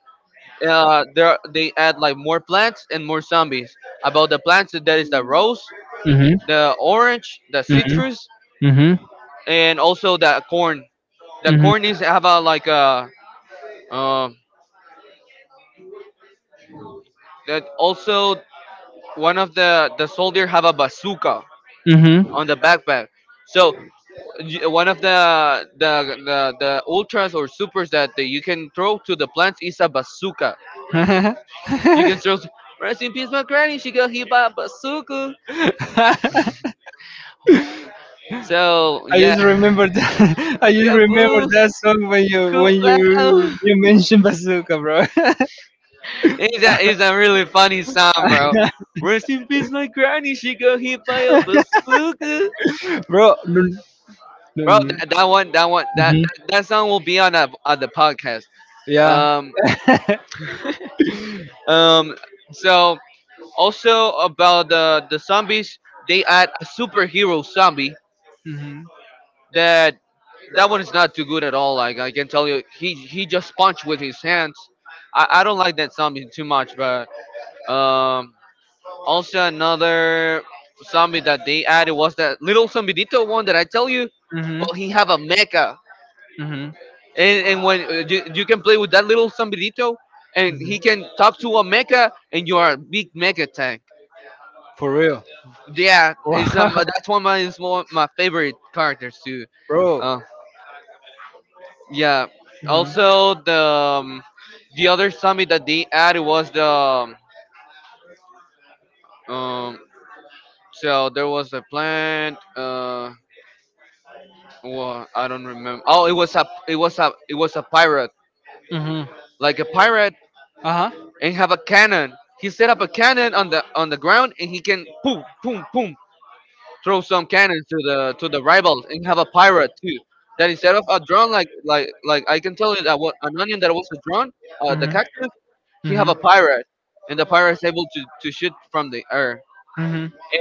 S1: there they add like more plants and more zombies. About the plants, that is the rose,
S2: Mhm.
S1: the orange, the
S2: Mhm.
S1: citrus,
S2: Mhm.
S1: and also the corn. The
S2: Mhm.
S1: corn is have a like a
S2: Mhm.
S1: um that also one of the soldier have a bazooka on
S2: Mm-hmm.
S1: the backpack. So one of the ultras or supers that the, you can throw to the plants is a bazooka. You can throw. Rest in peace, my granny. She got hit by a bazooka. So
S2: I
S1: yeah,
S2: just remembered that. I just
S1: kaboo,
S2: remembered that song when
S1: kuplao.
S2: you mentioned bazooka, bro.
S1: It's a really funny song, bro. Rest in peace, my granny. She got hit by a bazooka.
S2: Bro, no, no,
S1: Bro,
S2: no.
S1: that, that one, that one, that
S2: hmm
S1: that that song will be on a, on the podcast.
S2: yeah.
S1: Um, um. So Also about the zombies, they add a superhero zombie that that one is not too good at all. Like I can tell you, he just punched with his hands. I don't like that zombie too much. But um, also another zombie that they added was that little zombidito one that I tell you,
S2: hmm
S1: but he
S2: hmm
S1: have a mecha,
S2: hmm
S1: and when you can play with that little zombidito, and
S2: Mhm.
S1: he can talk to a mecha, and you are a big mecha tank.
S2: For real.
S1: Yeah, it's
S2: Wow.
S1: that's one of my, is one of my favorite characters too.
S2: Bro.
S1: Uh, yeah. Also the other zombie that they added was the um, so there was a plant. Well, I don't remember. Oh, it was a pirate,
S2: hmm
S1: like a pirate,
S2: Uh.
S1: and have a cannon. He set up a cannon on the ground,
S2: Mhm.
S1: and he can boom boom boom throw some cannons to the rivals and have a pirate too. Then instead of a drone, like I can tell you that what an onion that was a drone, the cactus, he have
S2: Mhm.
S1: a pirate, and the pirate is able to shoot from the air.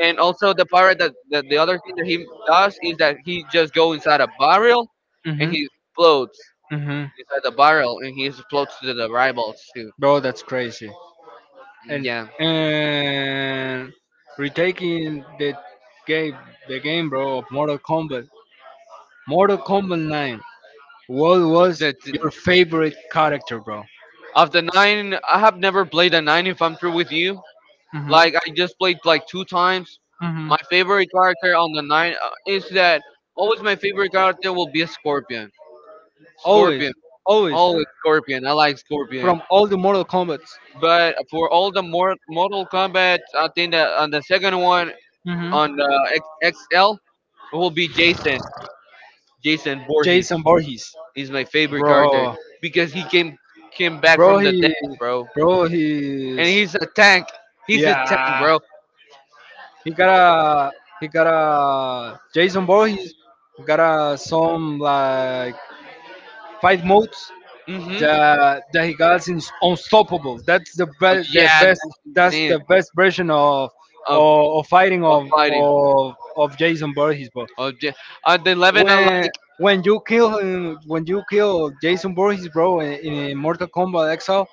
S1: And also the pirate that the other thing that he does is that he just go inside a barrel, and
S2: Mhm.
S1: he
S2: Mhm.
S1: explodes
S2: Mhm.
S1: inside the barrel, and he explodes to the rivals too.
S2: Bro, that's crazy. And
S1: Yeah.
S2: and retaking game, the game, bro, of Mortal Kombat, Mortal Kombat 9. What was
S1: that
S2: your
S1: the-
S2: favorite character, bro?
S1: of the nine, I have never played a nine. If I'm true with you,
S2: Mhm.
S1: like I just played like two times. My favorite character on the nine is that always my favorite character will be a
S2: Mhm.
S1: scorpion.
S2: Always,
S1: Scorpion,
S2: always,
S1: always scorpion. I like scorpion.
S2: from all the Mortal Kombat.
S1: But for all the more Mortal Kombat, I think that on the second one
S2: hmm
S1: on the XL it will be Jason. Jason Voorhees.
S2: Jason Voorhees,
S1: He's my favorite character
S2: bro,
S1: because he came came back
S2: bro,
S1: from the
S2: he,
S1: death, bro.
S2: bro,
S1: And
S2: he's
S1: he's a tank. He's a tank,
S2: yeah.
S1: bro.
S2: He got a, he got a Jason Voorhees got a some like fight modes
S1: Mm-hmm.
S2: that that he got is unstoppable. That's the
S1: Oh,
S2: best, the
S1: yeah,
S2: best.
S1: that's
S2: That's
S1: insane.
S2: the best version of
S1: Of
S2: fighting
S1: of
S2: of
S1: fighting.
S2: of of Jason Voorhees, bro.
S1: Of ja- on the 11, I
S2: When
S1: like.
S2: you kill him, when you kill Jason Voorhees, bro, in Mortal Kombat Exile,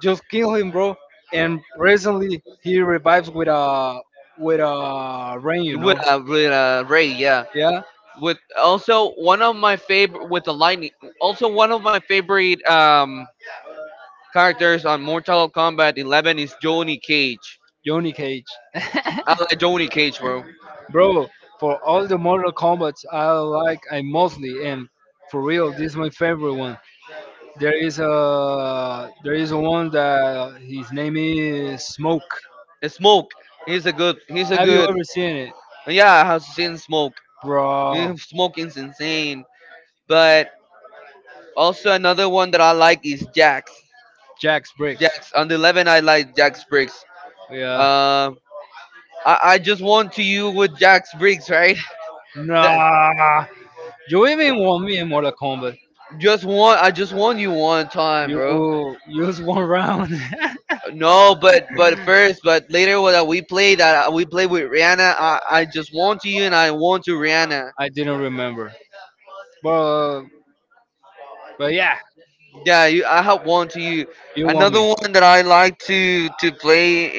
S2: just kill him, bro. And recently he revives with a rain, you know,
S1: With a ray, yeah.
S2: yeah,
S1: With also one of my favorite with the lightning. Also one of my favorite characters on Mortal Kombat 11 is Johnny Cage.
S2: Johnny Cage,
S1: I like Johnny Cage, bro.
S2: bro. For all the Mortal Kombat I like, I mostly and for real, this is my favorite one. There is a one that his name is Smoke.
S1: And Smoke. He's a good. He's a
S2: Have you
S1: good.
S2: ever seen it,
S1: Yeah, I have seen Smoke. Yeah,
S2: bro?
S1: Smoke is insane. But also another one that I like is Jax.
S2: Jax Briggs.
S1: Jax on the 11, I like Jax Briggs.
S2: Yeah.
S1: Uh, I just want to you with Jax Briggs, right? That
S2: Nah. You even won me in Mortal Kombat.
S1: just want. I just want you one time, bro.
S2: You used one round.
S1: No, but but later what we played that we played with Rihanna. I just want to you and I want to Rihanna.
S2: I didn't remember. But but yeah,
S1: Yeah, you, I have one to you.
S2: you won
S1: Another
S2: me.
S1: one that I like to play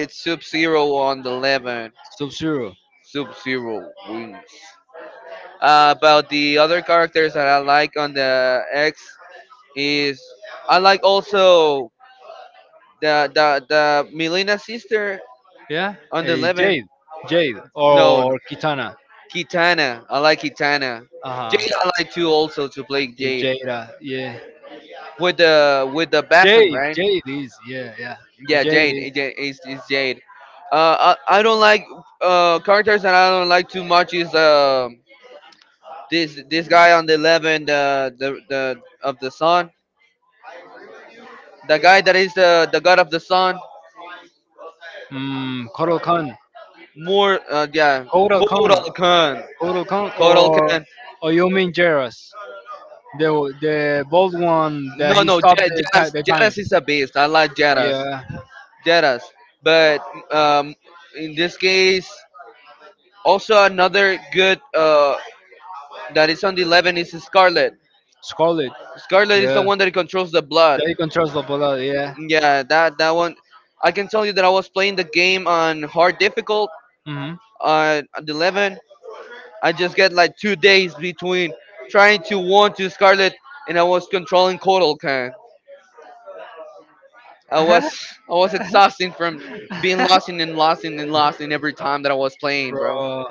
S1: is Sub Zero on the 11.
S2: Sub Zero.
S1: Sub Zero wins. About the other characters that I like on the X is I like also the Milena sister
S2: Yeah?
S1: on the
S2: Hey,
S1: 11.
S2: Jade. Jade
S1: No,
S2: or
S1: no.
S2: Kitana.
S1: Kitana. I like Kitana.
S2: Uh
S1: Jade I like too
S2: huh.
S1: also to play Jade.
S2: Jada. Yeah.
S1: With the Bastion,
S2: Jade.
S1: right?
S2: Jade is. Yeah, yeah. Hey,
S1: Yeah,
S2: Jade
S1: Jade.
S2: is.
S1: It's Jade. I don't like characters that I don't like too much is this guy on the 11 the of the sun the guy that is the god of the sun
S2: Mm, Kotal Khan.
S1: more yeah
S2: Kotal
S1: Kotal
S2: Khan,
S1: Khan
S2: Kotal Khan,
S1: Kotal Khan
S2: or you mean Jairus, the bold one that
S1: no
S2: he
S1: no
S2: stopped the,
S1: Jaras
S2: the time.
S1: Jaras is a beast I like Jaras
S2: Yeah,
S1: Deadass. But um, in this case, also another good that is on the 11 is Scarlet.
S2: Scarlet.
S1: Scarlet is the
S2: Yeah,
S1: one that controls the blood.
S2: that you can trust the bullet. Yeah.
S1: Yeah, that that one. I can tell you that I was playing the game on hard difficult
S2: hmm
S1: on the 11. I just get like 2 days between trying to one to Scarlet, and I was controlling Kotalkan. I was exhausting from being lost in and lost in and lost in every time that I was playing, bro.
S2: Bro,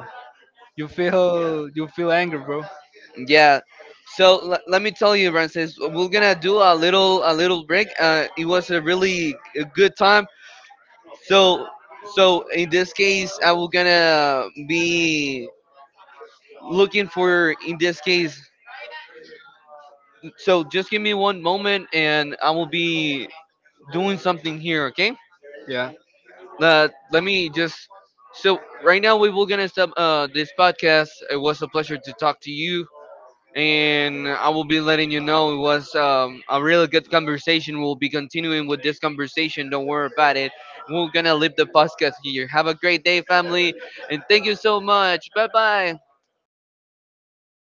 S2: you feel angry, bro.
S1: Yeah. So let me tell you, Francis, we're gonna do a little break. It was a really a good time. So so in this case, I will gonna be looking for in this case. So just give me one moment, and I will be doing something here. Okay.
S2: Yeah.
S1: Let me just. So right now we will gonna stop this podcast. It was a pleasure to talk to you. And I will be letting you know it was a really good conversation. We'll be continuing with this conversation. Don't worry about it. We're gonna leave the podcast here. Have a great day, family, and thank you so much. Bye bye.